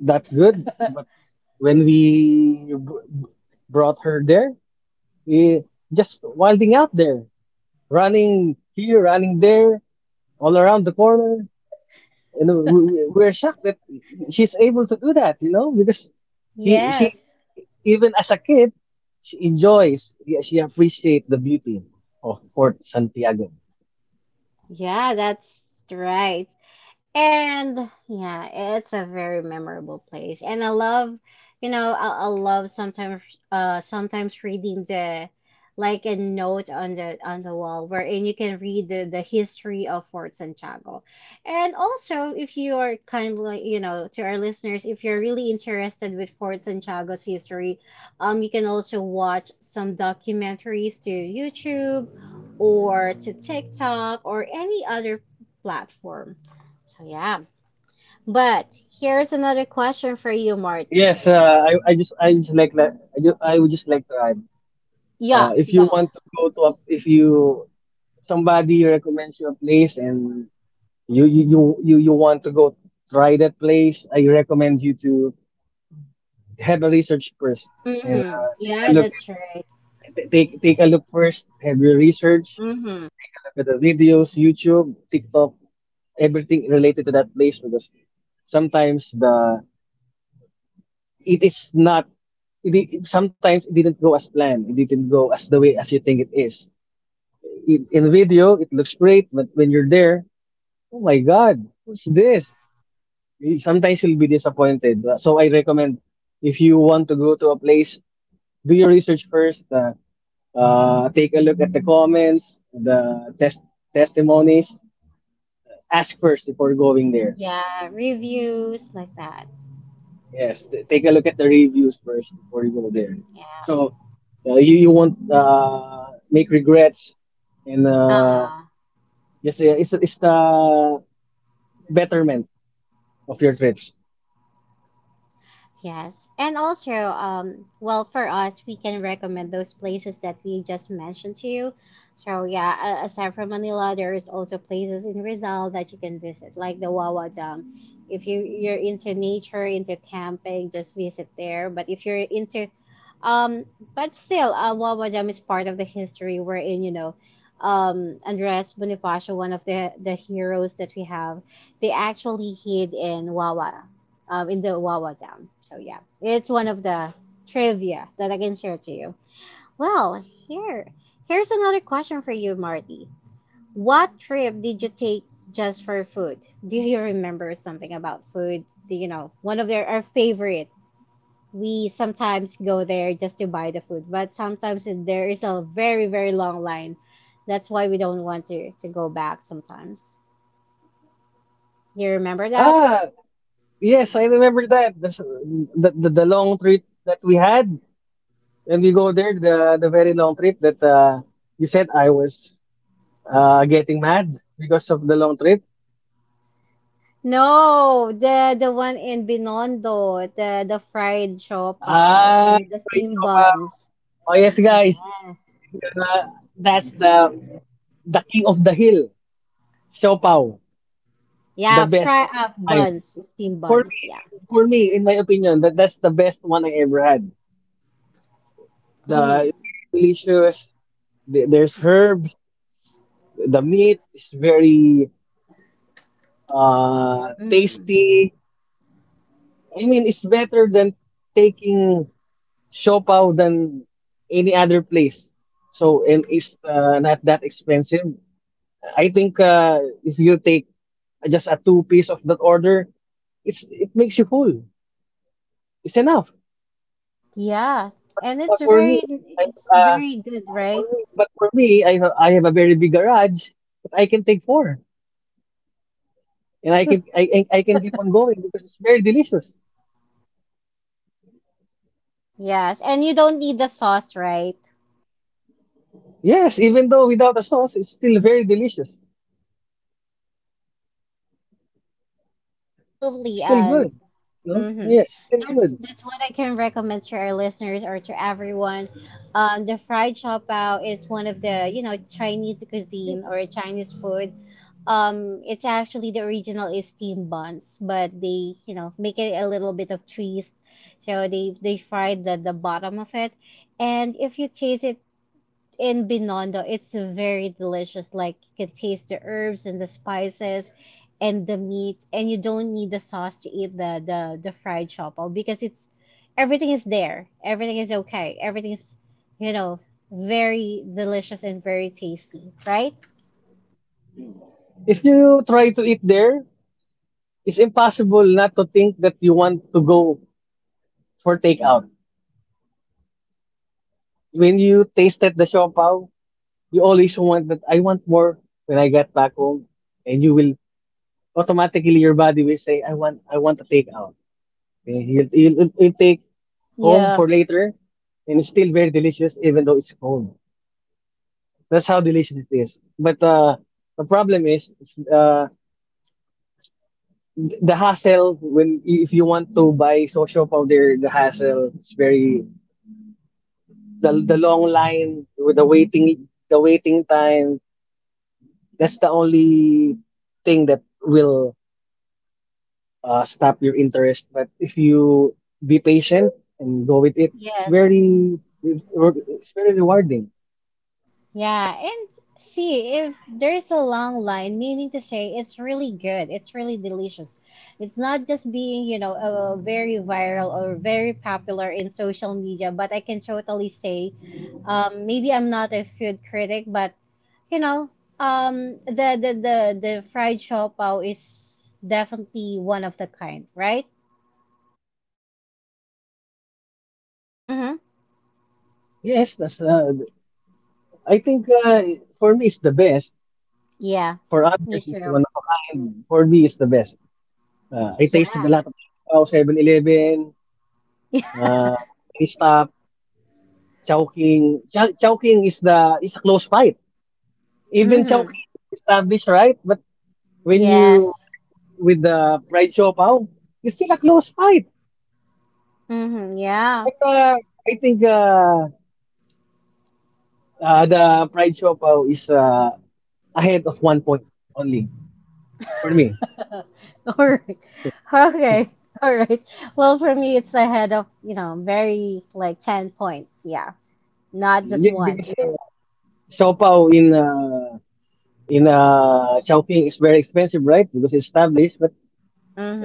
Speaker 2: that good, but when we brought her there, we just wilding out there, running here, running there, all around the corner, and we're shocked that she's able to do that, you know, because
Speaker 1: Yes.
Speaker 2: she, even as a kid, she enjoys, yeah, she appreciates the beauty of Fort Santiago.
Speaker 1: Yeah, that's right. And yeah, it's a very memorable place. And I love, you know, I love sometimes sometimes reading the like a note on the wall wherein you can read the history of Fort Santiago. And also if you are kindly, you know, to our listeners, if you're really interested with Fort Santiago's history, you can also watch some documentaries to YouTube or to TikTok or any other platform, so yeah. But here's another question for you, Marty.
Speaker 2: Yes, I just like that. I would just like to add
Speaker 1: Yeah,
Speaker 2: if you
Speaker 1: go.
Speaker 2: want to go to a, if you somebody recommends you a place and you want to go try that place, I recommend you to have a research first and
Speaker 1: Mm-hmm.
Speaker 2: take a
Speaker 1: Yeah,
Speaker 2: look at
Speaker 1: that's right.
Speaker 2: take a look first. Have your research.
Speaker 1: Mm-hmm.
Speaker 2: Take a look at the videos, YouTube, TikTok, everything related to that place because sometimes the it is not sometimes it didn't go as planned. It didn't go as the way as you think it is. In video it looks great, but when you're there, oh my God,
Speaker 1: Yes.
Speaker 2: what's this? You- Sometimes you'll be disappointed. So I recommend if you want to go to a place, do your research first. Take a look at the comments, the test testimonies. Ask first before going there.
Speaker 1: Yeah, reviews like that.
Speaker 2: Yes, take a look at the reviews first before you go there.
Speaker 1: Yeah.
Speaker 2: So you you won't make regrets and
Speaker 1: Ah.
Speaker 2: just it's the betterment of your trips.
Speaker 1: Yes. And also, well, for us, we can recommend those places that we just mentioned to you. So yeah, aside from Manila, there is also places in Rizal that you can visit, like the Wawa Dam. If you're into nature, into camping, just visit there. But if you're into Um, but still, Wawajam is part of the history wherein, you know, Andres Bonifacio, one of the heroes that we have, they actually hid in Wawa, in the Wawa Dam. So, yeah, it's one of the trivia that I can share to you. Well, here, here's another question for you, Marty. What trip did you take just for food? Do you remember something about food? Do you know, one of their, our favorite we sometimes go there just to buy the food, but sometimes there is a very, very long line. That's why we don't want to go back sometimes. You remember that?
Speaker 2: Ah, yes, I remember that. The long trip that we had when we go there, the very long trip that you said I was getting mad because of the long trip.
Speaker 1: No, the one in Binondo, the fried siopaw or
Speaker 2: Ah, the
Speaker 1: the
Speaker 2: fried
Speaker 1: steam
Speaker 2: siopaw.
Speaker 1: buns.
Speaker 2: Oh, yes,
Speaker 1: Yes.
Speaker 2: guys. If, that's the king of the hill, siopaw, the
Speaker 1: Yeah,
Speaker 2: best
Speaker 1: fry
Speaker 2: of all
Speaker 1: up buns,
Speaker 2: time.
Speaker 1: steam buns, yeah.
Speaker 2: For me, in my opinion, that's the best one I ever had.
Speaker 1: Mm-hmm.
Speaker 2: The very delicious. There's herbs. The meat is very
Speaker 1: Mm-hmm.
Speaker 2: tasty. I mean, it's better than taking Siopao than any other place. So, and it's not that expensive. I think if you take just a two piece of that order, it makes you full. It's enough.
Speaker 1: Yeah.
Speaker 2: But
Speaker 1: And
Speaker 2: for me, I have
Speaker 1: it's very good,
Speaker 2: for
Speaker 1: right?
Speaker 2: me, but for me, I have a very big garage, but I can take four, and I can keep on going because it's very delicious.
Speaker 1: Yes. And you don't need the sauce, right?
Speaker 2: Yes, even though without a sauce, it's still very delicious.
Speaker 1: Yeah,
Speaker 2: It's
Speaker 1: absolutely.
Speaker 2: still
Speaker 1: And
Speaker 2: good. No?
Speaker 1: hmm,
Speaker 2: Yes, it's still good.
Speaker 1: that's what I can recommend to our listeners or to everyone. The fried chow bao is one of the you know Chinese cuisine or Chinese food. It's actually the original is steamed buns, but they make it a little bit of twist. So they fry the bottom of it, and if you taste it in Binondo, it's very delicious. Like you can taste the herbs and the spices and the meat, and you don't need the sauce to eat the fried choppal because it's everything is there. Everything is okay. Everything is, you know, very delicious and very tasty, right?
Speaker 2: If you try to eat there, it's impossible not to think that you want to go for takeout. When you tasted the siopaw, you always want that I want more when I get back home, and you will automatically your body will say, I want a takeout. Okay? You'll take home
Speaker 1: Yeah.
Speaker 2: for later and it's still very delicious even though it's cold. That's how delicious it is. But the problem is the hassle when if you want to buy social powder, the hassle is very the long line with the waiting time. That's the only thing that will stop your interest. But if you be patient and go with it,
Speaker 1: Yes.
Speaker 2: it's very rewarding.
Speaker 1: Yeah, and see if there's a long line, meaning to say it's really good, it's really delicious. It's not just being, very viral or very popular in social media, but I can totally say, maybe I'm not a food critic, but you know, the fried chow pao is definitely one of the kind, right? Mm-hmm.
Speaker 2: Yes, that's I think for me it's the best.
Speaker 1: Yeah,
Speaker 2: For
Speaker 1: me
Speaker 2: others, it's
Speaker 1: too.
Speaker 2: one of a kind. For me, it's the best. I tasted a
Speaker 1: Yeah.
Speaker 2: lot of Siopao, 7-Eleven,
Speaker 1: <laughs>
Speaker 2: Mini Stop, Chowking. Chowking is the is a close fight. Even
Speaker 1: Mm-hmm.
Speaker 2: Chowking is established, right? But when you
Speaker 1: Yes.
Speaker 2: match it with the fried Siopao, it's still a close fight.
Speaker 1: Mm-hmm. Yeah.
Speaker 2: But I think the Pride Siopaw is ahead of 1 point only for me.
Speaker 1: <laughs> All right. Okay. All right. Well, for me, it's ahead of, you know, very like 10 points. Yeah. Not just
Speaker 2: Yes,
Speaker 1: one.
Speaker 2: because Siopaw in Chowking is very expensive, right? Because it's established, but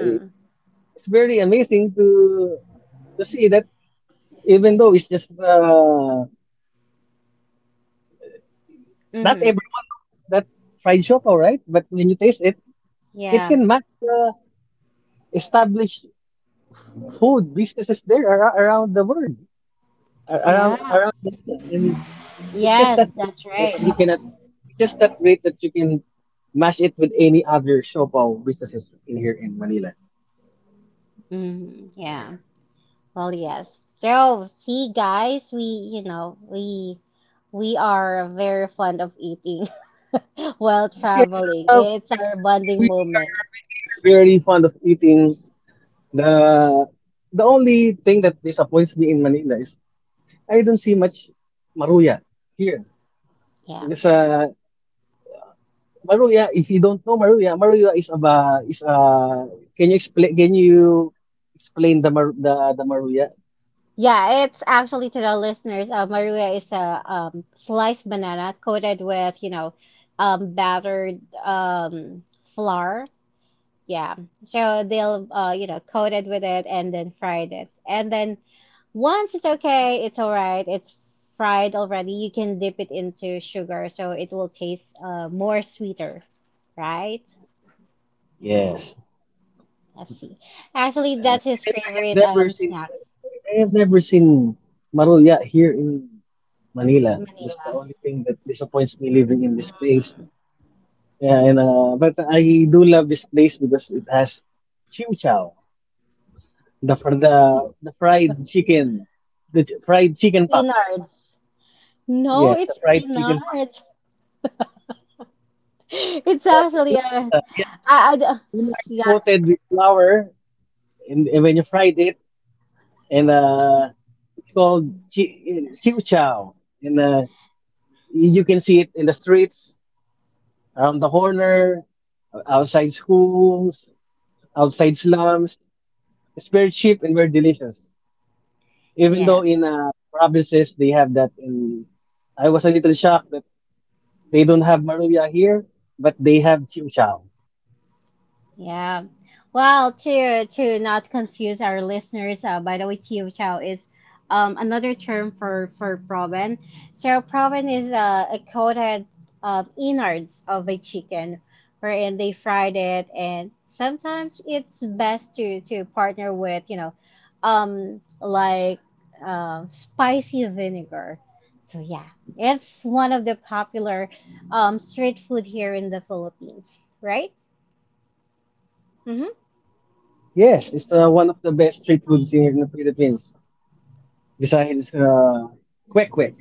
Speaker 2: uh, it's very amazing to see that even though it's just not
Speaker 1: Mm-hmm.
Speaker 2: everyone knows that fried siopaw, right? But when you taste it, it
Speaker 1: Yeah.
Speaker 2: can match the established food businesses around the world.
Speaker 1: Yeah.
Speaker 2: Around Manila. And it's just that
Speaker 1: Yes,
Speaker 2: great
Speaker 1: that's
Speaker 2: that
Speaker 1: right.
Speaker 2: you cannot. it's just that great that you can match it with any other Shopaw businesses in here in Manila.
Speaker 1: Mm-hmm. Yeah. Well, yes. So, see, guys, we, you know, we are very fond of eating <laughs> while
Speaker 2: Yes,
Speaker 1: traveling. It's our bonding
Speaker 2: we
Speaker 1: moment.
Speaker 2: are we are very fond of eating. The the only thing that disappoints me in Manila is I don't see much maruya here.
Speaker 1: Yeah.
Speaker 2: Because maruya, if you don't know maruya, is a can you explain the the maruya?
Speaker 1: Yeah, it's actually to the listeners. Maruya is a sliced banana coated with, you know, battered flour. Yeah. So they'll, you know, coated with it and then fried it. And then once it's okay, it's all right. It's fried already. You can dip it into sugar, so it will taste more sweeter, right?
Speaker 2: Yes.
Speaker 1: Let's see. Actually,
Speaker 2: Uh,
Speaker 1: that's
Speaker 2: and
Speaker 1: his
Speaker 2: I, I have
Speaker 1: favorite
Speaker 2: never seen
Speaker 1: snacks,
Speaker 2: I have never seen Maruya here in Manila. That's the
Speaker 1: Manila.
Speaker 2: only thing that disappoints me living in this place. Yeah, and but I do love this place because it has chiw chow, the fried chicken, fried chicken pops.
Speaker 1: Peanuts. No,
Speaker 2: Yes, the
Speaker 1: it's
Speaker 2: fried
Speaker 1: in
Speaker 2: chicken pops.
Speaker 1: art. <laughs> It's
Speaker 2: Yes,
Speaker 1: actually a,
Speaker 2: Inards.
Speaker 1: I,
Speaker 2: Yes,
Speaker 1: I d-
Speaker 2: Inards
Speaker 1: yeah,
Speaker 2: coated with flour, and when you fried it, and it's called Chiu Chow. And you can see it in the streets, around the corner, outside schools, outside slums. It's very cheap and very delicious. Even though
Speaker 1: yes.
Speaker 2: in provinces they have that, in I was a little shocked that they don't have maruya here, but they have Chiu Chow.
Speaker 1: Yeah. Well, to not confuse our listeners, by the way, Chiu Chow is another term for proven. So proven is a coated innards of a chicken, wherein they fried it, and sometimes it's best to partner with you know, like spicy vinegar. So yeah, it's one of the popular street food here in the Philippines, right? Mm-hmm.
Speaker 2: Yes, it's one of the best street foods here in the Philippines, besides quick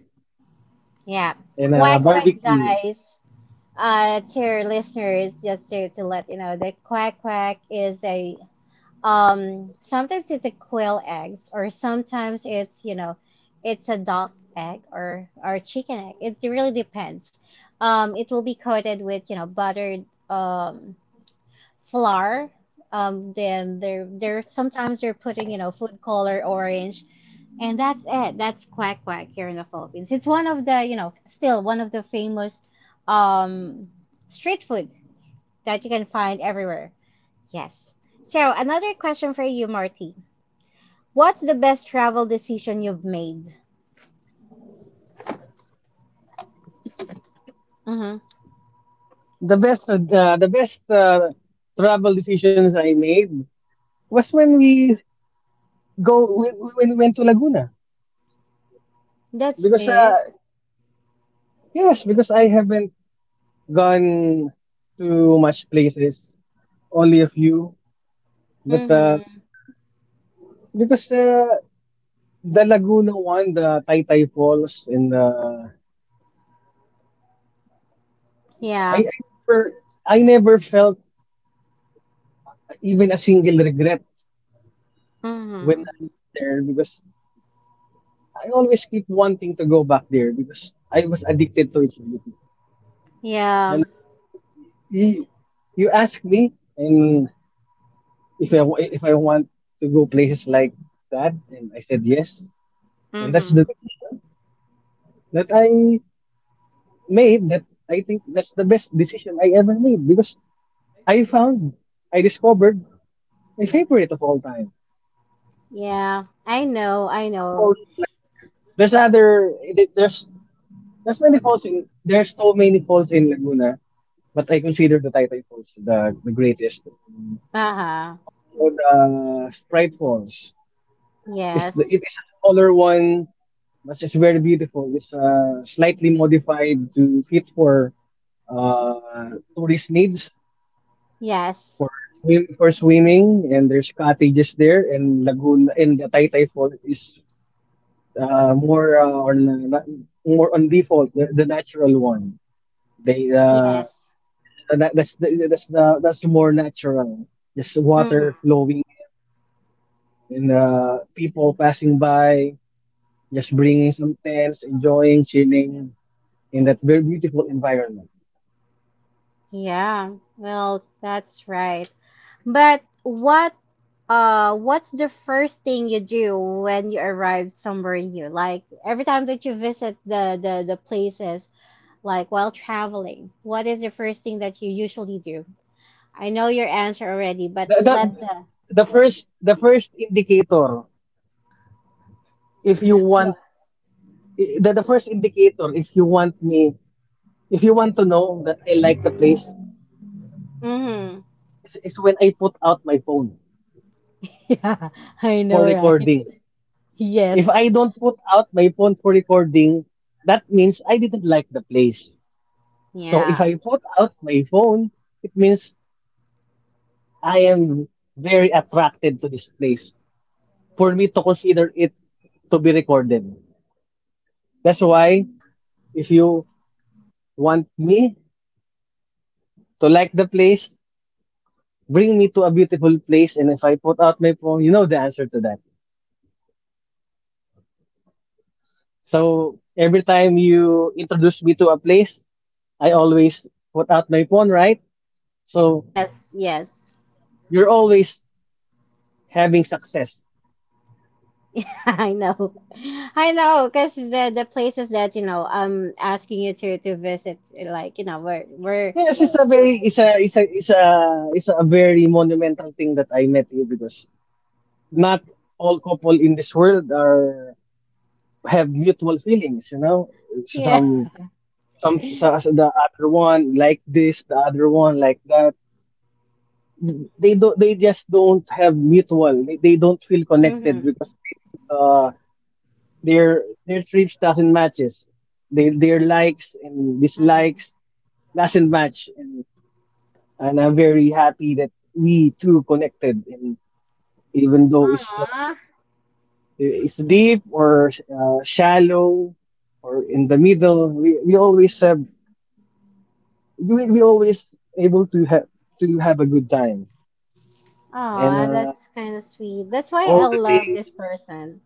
Speaker 1: Yeah.
Speaker 2: and
Speaker 1: Quack quack
Speaker 2: barbecue.
Speaker 1: guys. To your listeners, just to let you know the quack quack is a sometimes it's a quail eggs or sometimes it's you know it's a duck egg or chicken egg. It really depends. It will be coated with, you know, buttered flour. Then they're sometimes they're putting you know food color orange, and that's it. That's quack quack here in the Philippines. It's one of the you know still one of the famous um, street food that you can find everywhere. Yes. So another question for you, Marty. What's the best travel decision you've made? Mm-hmm.
Speaker 2: The best travel decisions I made was when we go when we went to Laguna
Speaker 1: That's
Speaker 2: because
Speaker 1: it.
Speaker 2: I haven't gone to much places, only a few, but
Speaker 1: Mm-hmm.
Speaker 2: because the Laguna one, the Taytay Falls, and
Speaker 1: Yeah.
Speaker 2: I I never I never felt even a single regret when
Speaker 1: Mm-hmm.
Speaker 2: I went there because I always keep wanting to go back there because I was addicted to its beauty.
Speaker 1: Yeah.
Speaker 2: And uh, you, you asked me, and if I want to go places like that, and I said yes, and that's the
Speaker 1: Mm-hmm.
Speaker 2: decision that I made. That I think that's the best decision I ever made because I found, I discovered my favorite of all time.
Speaker 1: Yeah. I know. I
Speaker 2: That's the
Speaker 1: know.
Speaker 2: falls in Laguna. There's other there's there's many falls in there's So many falls in Laguna, but I consider the Taytay Falls the greatest.
Speaker 1: Uh huh.
Speaker 2: Also the Sprite Falls. It
Speaker 1: Yes,
Speaker 2: is a smaller one, but it's very beautiful. It's slightly modified to fit for uh, tourist needs,
Speaker 1: yes,
Speaker 2: for swimming, and there's cottages there, and Laguna and the Taytay Falls is uh, more uh, on uh, na- more on default, the natural one. They
Speaker 1: yes.
Speaker 2: just that, that's the, that's the That's the more natural. Just
Speaker 1: Hmm.
Speaker 2: water flowing in, and people passing by, just bringing some tents, enjoying, chilling in that very beautiful environment.
Speaker 1: Yeah, well, that's right. But what what's the first thing you do when you arrive somewhere new? Like every time that you visit the places, like while traveling, what is the first thing that you usually do? I know your answer already, but
Speaker 2: The,
Speaker 1: let the
Speaker 2: the, the first indicator if you want the first indicator, if you want me, if you want to know that I like the place,
Speaker 1: mm-hmm.
Speaker 2: it's when I put out my phone for recording. If
Speaker 1: Yes.
Speaker 2: I don't put out my phone for recording, that means I didn't like the place. So if
Speaker 1: Yeah.
Speaker 2: I put out my phone, it means I am very attracted to this place for me to consider it to be recorded. That's why
Speaker 1: Yeah.
Speaker 2: if you want me to like the place, bring me to a beautiful place. And if I put out my phone, you know the answer to that.
Speaker 1: Yes, I know.
Speaker 2: So every time you introduce me to a place, I always put out my phone, right? So
Speaker 1: Yes, yes.
Speaker 2: you're always having success.
Speaker 1: <laughs> I know. I know, because the places that, you know, I'm asking you to visit, like, you know, we're
Speaker 2: Yes, it's a very it's a it's a it's a it's a very monumental thing that I met you because not all couple in this world are have mutual feelings, you know.
Speaker 1: yeah.
Speaker 2: Some so the other one like this, the other one like that. They just don't have mutual. They don't feel connected
Speaker 1: Mm-hmm.
Speaker 2: because they don't their trips doesn't matches. Their likes and
Speaker 1: Mm.
Speaker 2: dislikes doesn't match, and I'm very happy that we too connected. And even though
Speaker 1: Aw.
Speaker 2: it's deep or shallow or in the middle, we always we always able to have a good time. And
Speaker 1: Aw, that's kind of sweet. That's why I
Speaker 2: all the
Speaker 1: love this
Speaker 2: things,
Speaker 1: person.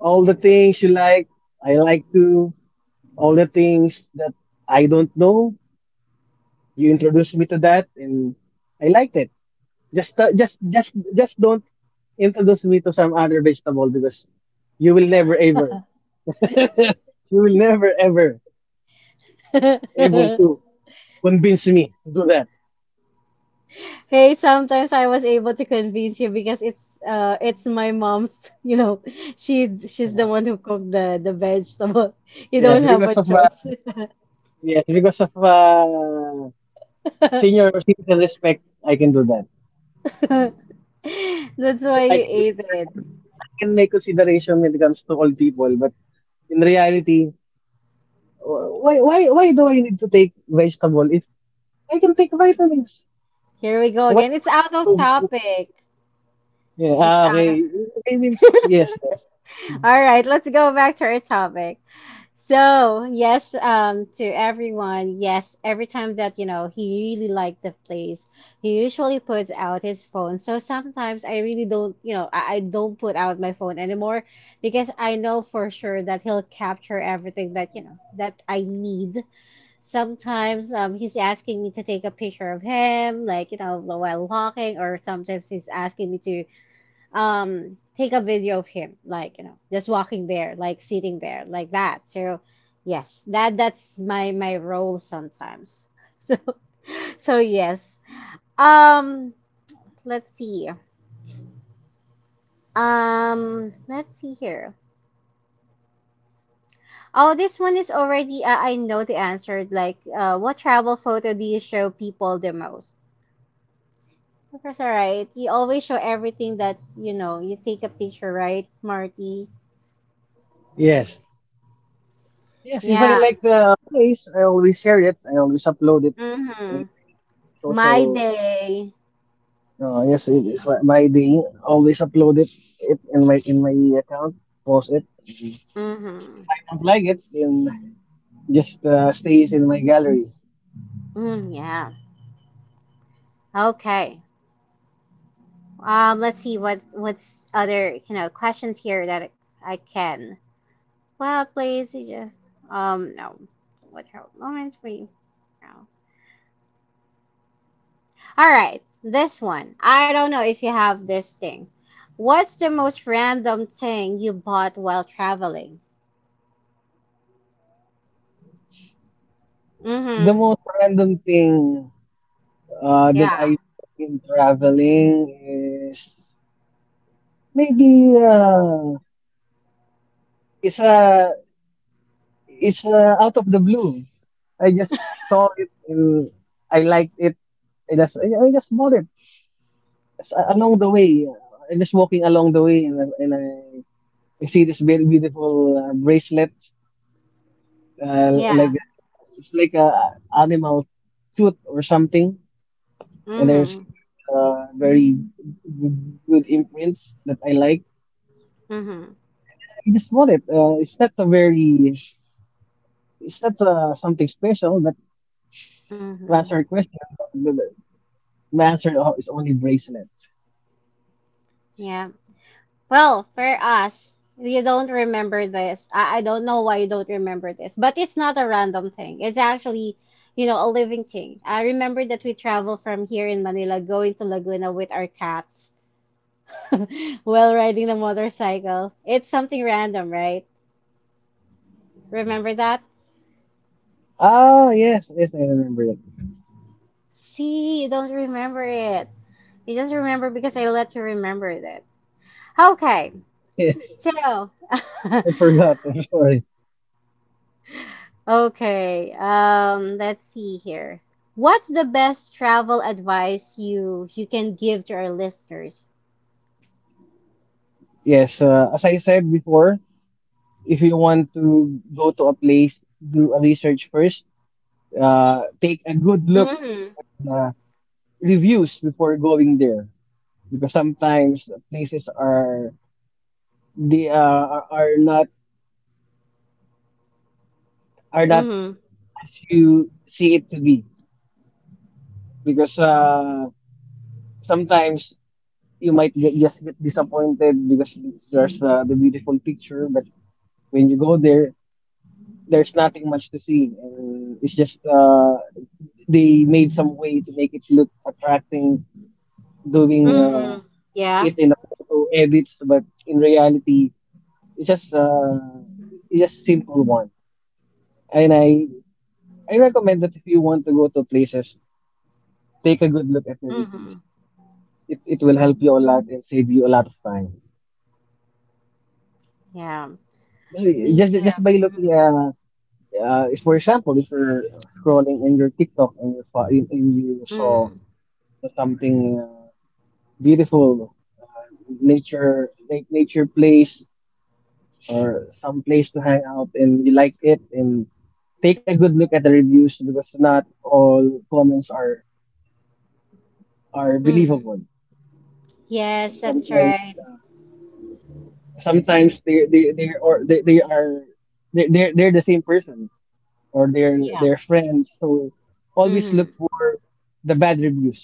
Speaker 2: All the things you like, I like to. All the things that I don't know, you introduced me to that, and I liked it. Just don't introduce me to some other vegetable because you will never ever, <laughs> you will never ever able
Speaker 1: <laughs>
Speaker 2: to convince me to do that.
Speaker 1: Hey, sometimes I was able to convince you because it's it's my mom's, <laughs> you know, she she's the one who cooked the vegetable. <laughs> You
Speaker 2: Yes,
Speaker 1: don't have a choice.
Speaker 2: because of
Speaker 1: <laughs>
Speaker 2: senior citizen respect, I can do that.
Speaker 1: <laughs> That's why you ate it.
Speaker 2: I can make consideration when it comes to all people, but in reality, why do I need to take vegetable if I can take vitamins?
Speaker 1: Here we go
Speaker 2: Why
Speaker 1: again.
Speaker 2: do
Speaker 1: It's
Speaker 2: I
Speaker 1: out
Speaker 2: need
Speaker 1: of
Speaker 2: to?
Speaker 1: topic.
Speaker 2: Yeah,
Speaker 1: It's
Speaker 2: ah,
Speaker 1: out of.
Speaker 2: okay. I mean, yes, yes.
Speaker 1: All right, let's go back to our topic. So, yes, to everyone, yes, every time that, you know, he really liked the place, he usually puts out his phone. So sometimes I really don't, you know, I don't put out my phone anymore because I know for sure that he'll capture everything that, you know, that I need. Sometimes he's asking me to take a picture of him, like, you know, while walking, or sometimes he's asking me to take a video of him, like, you know, just walking there, like sitting there, like that. So, yes, that that's my my role sometimes. <laughs> So, so yes. Um, let's see. Let's see here. Oh, this one is already, I know the answer. Like, what travel photo do you show people the most? Professor Right, you always show everything that you know. You take a picture, right, Marty?
Speaker 2: Yes. Yes, if I
Speaker 1: Yeah.
Speaker 2: like the place, I always share it. I always upload it
Speaker 1: Mm-hmm.
Speaker 2: in my
Speaker 1: My
Speaker 2: social.
Speaker 1: day.
Speaker 2: Yes, it is my my thing. Always upload it, it in my account. Post it.
Speaker 1: Mm-hmm.
Speaker 2: If I don't like it, then just stays in my gallery.
Speaker 1: Mm, yeah. Okay. Let's see what what's other you know questions here that I can. Well, please. No. What help moments we. No. All right. This one. I don't know if you have this thing. What's the most random thing you bought while traveling?
Speaker 2: The
Speaker 1: Mm-hmm.
Speaker 2: most random thing that I
Speaker 1: Yeah.
Speaker 2: bought in traveling is maybe it's a it's a out of the blue. I just saw it and I liked it. I just bought it as- along the way. I'm just walking along the way, and I see this very beautiful bracelet, like
Speaker 1: Yeah.
Speaker 2: a, it's like a animal tooth or something. And there's
Speaker 1: Mhm.
Speaker 2: good, very good, good imprints that I like.
Speaker 1: Mhm.
Speaker 2: And I just bought it. It's not something special, but to answer
Speaker 1: Mhm.
Speaker 2: your question, the answer is only bracelet.
Speaker 1: Yeah. Well, for us, you don't remember this. I don't know why you don't remember this, but it's not a random thing. It's actually, you know, a living thing. I remember that we travel from here in Manila going to Laguna with our cats <laughs> while riding the motorcycle. It's something random, right? Remember that?
Speaker 2: Ah, yes, yes, I remember that. <laughs>
Speaker 1: See, you don't remember it. You just remember because I let you remember that. Okay.
Speaker 2: Yes,
Speaker 1: So, <laughs>
Speaker 2: I forgot. I'm sorry.
Speaker 1: okay, let's see here. What's the best travel advice you you can give to our listeners?
Speaker 2: Yes, as I said before, if you want to go to a place, do a research first. Take a good look
Speaker 1: Mm-hmm.
Speaker 2: at the reviews before going there, because sometimes places are they are are not are not
Speaker 1: Mm-hmm.
Speaker 2: as you see it to be. Because sometimes you might just get disappointed because there's the beautiful picture, but when you go there, there's nothing much to see. And it's just they made some way to make it look attracting, doing
Speaker 1: Mm-hmm. Yeah.
Speaker 2: it in the photo edits, but in reality, it's just uh, it's just simple one. And I recommend that if you want to go to places, take a good look at the
Speaker 1: Mm-hmm.
Speaker 2: reviews. It will help you a lot and save you a lot of time.
Speaker 1: Yeah.
Speaker 2: Just
Speaker 1: Me too.
Speaker 2: just by looking
Speaker 1: Mm-hmm.
Speaker 2: for example, if you're scrolling in your TikTok and and you saw
Speaker 1: Mm-hmm.
Speaker 2: something beautiful, uh, nature nature place or some place to hang out, and you liked it, and take a good look at the reviews because not all comments are
Speaker 1: Mm-hmm.
Speaker 2: believable. So
Speaker 1: Yes, that's
Speaker 2: sometimes
Speaker 1: right.
Speaker 2: they are they're the same person, or
Speaker 1: Yeah.
Speaker 2: their friends, so always look
Speaker 1: Mm-hmm.
Speaker 2: for the bad reviews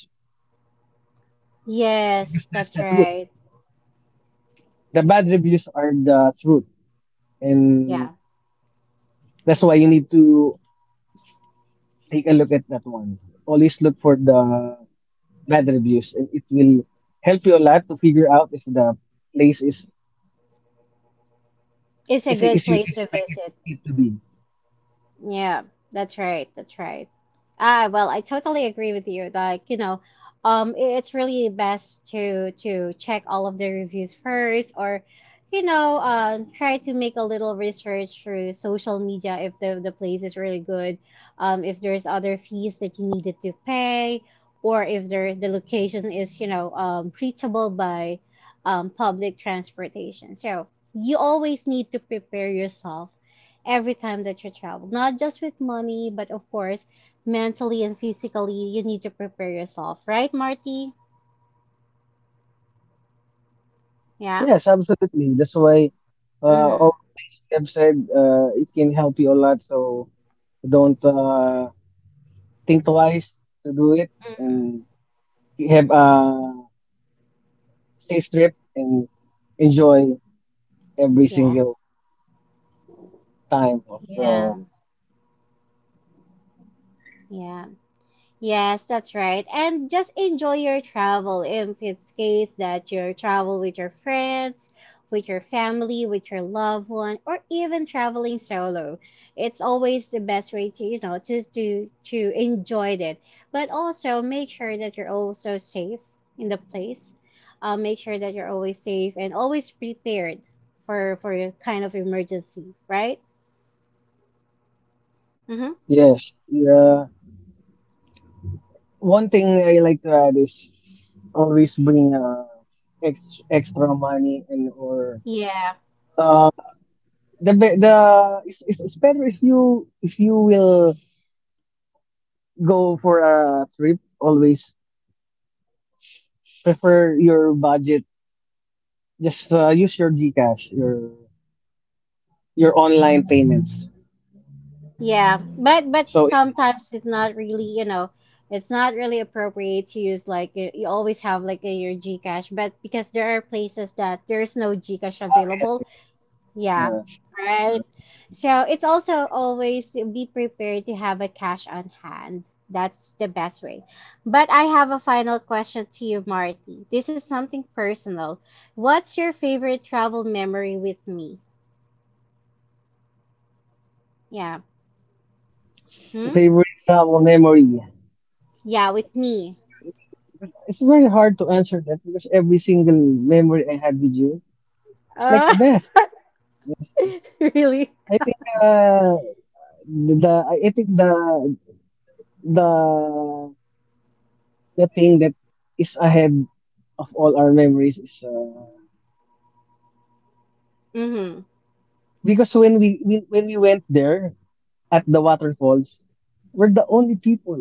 Speaker 1: Yes,
Speaker 2: because that's
Speaker 1: that's
Speaker 2: the truth.
Speaker 1: right.
Speaker 2: The bad reviews are the truth,
Speaker 1: Yeah.
Speaker 2: and that's why you need to take a look at that one. Always look for the bad reviews, and it will help you a lot to figure out if the place is
Speaker 1: It's a good
Speaker 2: is you
Speaker 1: place to
Speaker 2: expect it,
Speaker 1: visit.
Speaker 2: it to be.
Speaker 1: Yeah, that's right. That's right. Ah, well, I totally agree with you. Like, you know, it's really best to check all of the reviews first, or, you know, try to make a little research through social media if the the place is really good, if there's other fees that you needed to pay, or if there the location is, you know, reachable by, public transportation. So you always need to prepare yourself every time that you travel. Not just with money, but of course, mentally and physically, you need to prepare yourself, right, Marty? Yeah.
Speaker 2: Yes, absolutely, that's why
Speaker 1: Mm-hmm.
Speaker 2: all the things we have said, it can help you a lot. So don't think twice to do it, and have a safe trip and enjoy every
Speaker 1: Yes.
Speaker 2: single time of
Speaker 1: Yeah. Yeah. Yes, that's right. And just enjoy your travel if it's case that you travel with your friends, with your family, with your loved one, or even traveling solo. It's always the best way to, you know, just to enjoy it. But also make sure that you're also safe in the place. Make sure that you're always safe and always prepared for your kind of emergency, right? Mm-hmm.
Speaker 2: yes, yeah, one thing I like to add is always bring extra money. And or
Speaker 1: Yeah.
Speaker 2: uh the, it's better if you will go for a trip, always prefer your budget. Just use your GCash, your online payments.
Speaker 1: Yeah, but
Speaker 2: So, isa mo,
Speaker 1: sometimes it's not really, you know, it's not really appropriate to use like you always have like in your GCash, but because there are places that there's no GCash
Speaker 2: ah, okay,
Speaker 1: available.
Speaker 2: okay.
Speaker 1: Yeah,
Speaker 2: Ah, ah,
Speaker 1: right.
Speaker 2: I see, I see.
Speaker 1: So it's
Speaker 2: I
Speaker 1: also
Speaker 2: see, I see.
Speaker 1: always to be prepared to have a cash on hand. That's the best way. But I have a final question to you, Marty. This is something personal. What's your favorite travel memory with me? Yeah. Hmm?
Speaker 2: Favorite travel memory.
Speaker 1: Yeah, with
Speaker 2: It's
Speaker 1: me.
Speaker 2: very, it's, it's very hard to answer that because every single memory I had with you, it's like the
Speaker 1: <laughs>
Speaker 2: best. Yes.
Speaker 1: <laughs> Really?
Speaker 2: I think uh I think the the thing that is ahead of all our memories is
Speaker 1: Mm-hmm.
Speaker 2: because when we went there at the waterfalls, we're the only people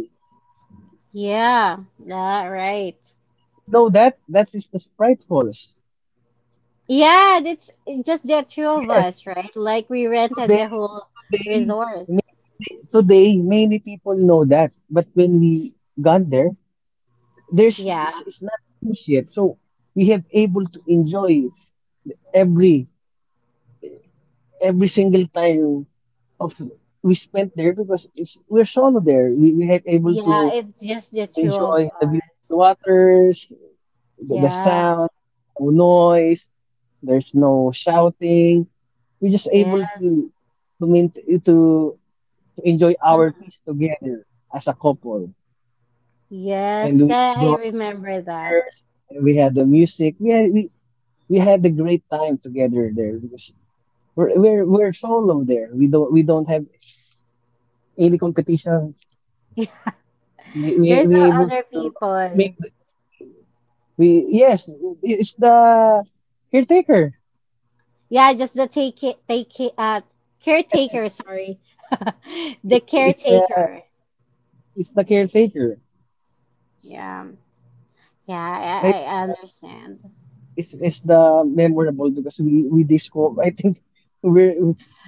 Speaker 1: Yeah,
Speaker 2: there.
Speaker 1: all right.
Speaker 2: If you know that, that is the Sprite.
Speaker 1: Yeah, it's just the two of
Speaker 2: Yes,
Speaker 1: us, right? Like we rented the
Speaker 2: today,
Speaker 1: whole
Speaker 2: today,
Speaker 1: resort.
Speaker 2: today, today, many people know that. But when we got there, there's
Speaker 1: Yeah,
Speaker 2: it's not famous yet. So we have able to enjoy every every single time of we spent there because it's we're solo there. We have able
Speaker 1: yeah,
Speaker 2: to
Speaker 1: it's just the two of
Speaker 2: enjoy the beautiful
Speaker 1: us.
Speaker 2: waters, the
Speaker 1: Yeah,
Speaker 2: sound. There's no noise. There's no shouting. We're just able
Speaker 1: yes,
Speaker 2: to to main, to to enjoy our
Speaker 1: Mm.
Speaker 2: peace together as a couple.
Speaker 1: Yes,
Speaker 2: And we
Speaker 1: that I
Speaker 2: brought our
Speaker 1: remember that.
Speaker 2: speakers. And we had the music. We had a great time together there because we're solo there. We don't have any competition.
Speaker 1: <laughs> There's
Speaker 2: We
Speaker 1: no
Speaker 2: able
Speaker 1: other
Speaker 2: to ma- make
Speaker 1: people.
Speaker 2: the- we we yes it's the caretaker.
Speaker 1: Yeah, just the take take uh
Speaker 2: Yes,
Speaker 1: caretaker, sorry. <laughs> The
Speaker 2: it's the it's the
Speaker 1: caretaker.
Speaker 2: it's the caretaker.
Speaker 1: Yeah, yeah,
Speaker 2: I
Speaker 1: I,
Speaker 2: just
Speaker 1: I I
Speaker 2: that
Speaker 1: understand.
Speaker 2: is the memorable because we discover. I think <laughs> we're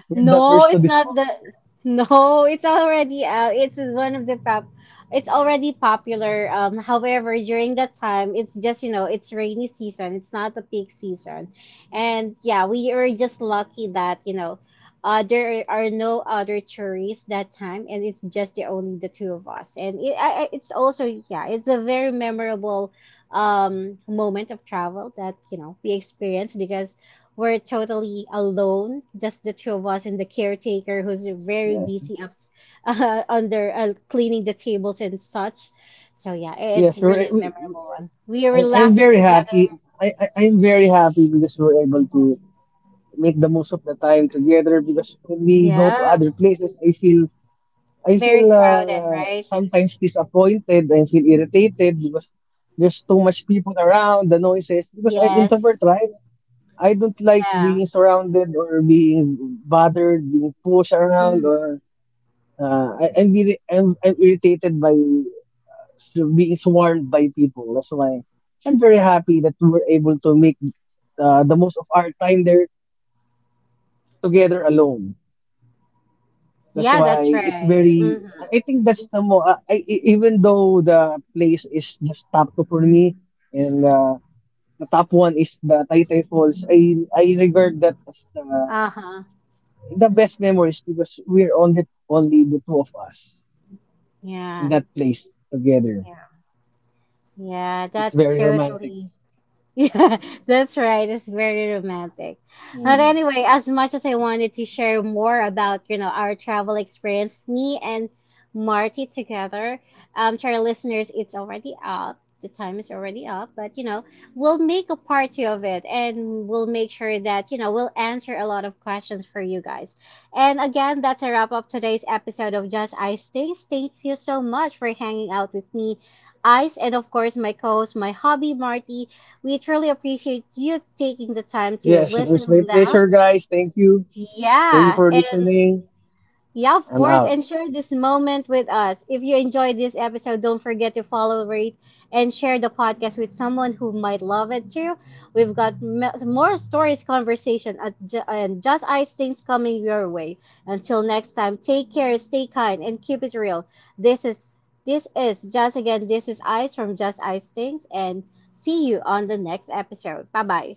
Speaker 2: we're the
Speaker 1: No,
Speaker 2: first to
Speaker 1: it's not the.
Speaker 2: discover that.
Speaker 1: No, it's already out. It's one of the pop. It's already popular. However, during that time, it's just you know, it's rainy season. It's not the peak season, and yeah, we are just lucky that you know, there are no other tourists that time, and it's just the only the two of us. And it, it's also yeah, it's a very memorable moment of travel that you know we experienced because we're totally alone, just the two of us and the caretaker who's very
Speaker 2: Yes,
Speaker 1: busy up <laughs> under cleaning the tables and such. So yeah, it's
Speaker 2: yes.
Speaker 1: really a memorable one. We were
Speaker 2: I'm
Speaker 1: laughing
Speaker 2: very
Speaker 1: together.
Speaker 2: happy. I'm very happy because we're able to make the most of the time together. Because when we go to
Speaker 1: Yeah,
Speaker 2: other places, I
Speaker 1: very
Speaker 2: feel
Speaker 1: crowded, right?
Speaker 2: sometimes disappointed. I feel irritated because there's too much people around. The noises, because I'm
Speaker 1: Yes.
Speaker 2: introvert, right? I don't like
Speaker 1: Yeah.
Speaker 2: being surrounded or being bothered, being pushed around,
Speaker 1: Hmm.
Speaker 2: or I, I'm, really, I'm irritated by being swarmed by people. That's why I'm very happy that we were able to make the most of our time there together alone. That's
Speaker 1: Yeah,
Speaker 2: why
Speaker 1: that's
Speaker 2: it's
Speaker 1: right.
Speaker 2: very.
Speaker 1: Hmm.
Speaker 2: I think that's the mo. I- e, Even though the place is just top two for me, and the top one is the Taytay Falls. I regard that as
Speaker 1: Uh-huh.
Speaker 2: the best memories because we're only only the two of us in
Speaker 1: Yeah.
Speaker 2: that place together.
Speaker 1: Yeah,
Speaker 2: It's
Speaker 1: that's
Speaker 2: very romantic.
Speaker 1: totally Yeah, <laughs> that's right. It's very romantic. But anyway, as much as I wanted to share more about, you know, our travel experience, me and Marty together, to our listeners, it's already up. The time is already up, but you know, we'll make a part 2 of it and we'll make sure that, you know, we'll answer a lot of questions for you guys. And again, that's a wrap up today's episode of Just Ice Things. Thank you so much for hanging out with me, Ice, and of course, my co host, my hobby, Marty. We truly appreciate you taking the time to
Speaker 2: Yes,
Speaker 1: listen
Speaker 2: it's my
Speaker 1: and laugh.
Speaker 2: pleasure, guys. Thank you. Thank you
Speaker 1: Yeah,
Speaker 2: for
Speaker 1: and
Speaker 2: listening.
Speaker 1: yeah, of
Speaker 2: I'm
Speaker 1: course,
Speaker 2: out.
Speaker 1: and share this moment with us. If you enjoyed this episode, don't forget to follow, rate, and share the podcast with someone who might love it too. We've got more stories, conversation, at and just ice things coming your way. Until next time, take care, stay kind, and keep it real. This is just again. This is Ice from Just Ice Things, and see you on the next episode. Bye bye.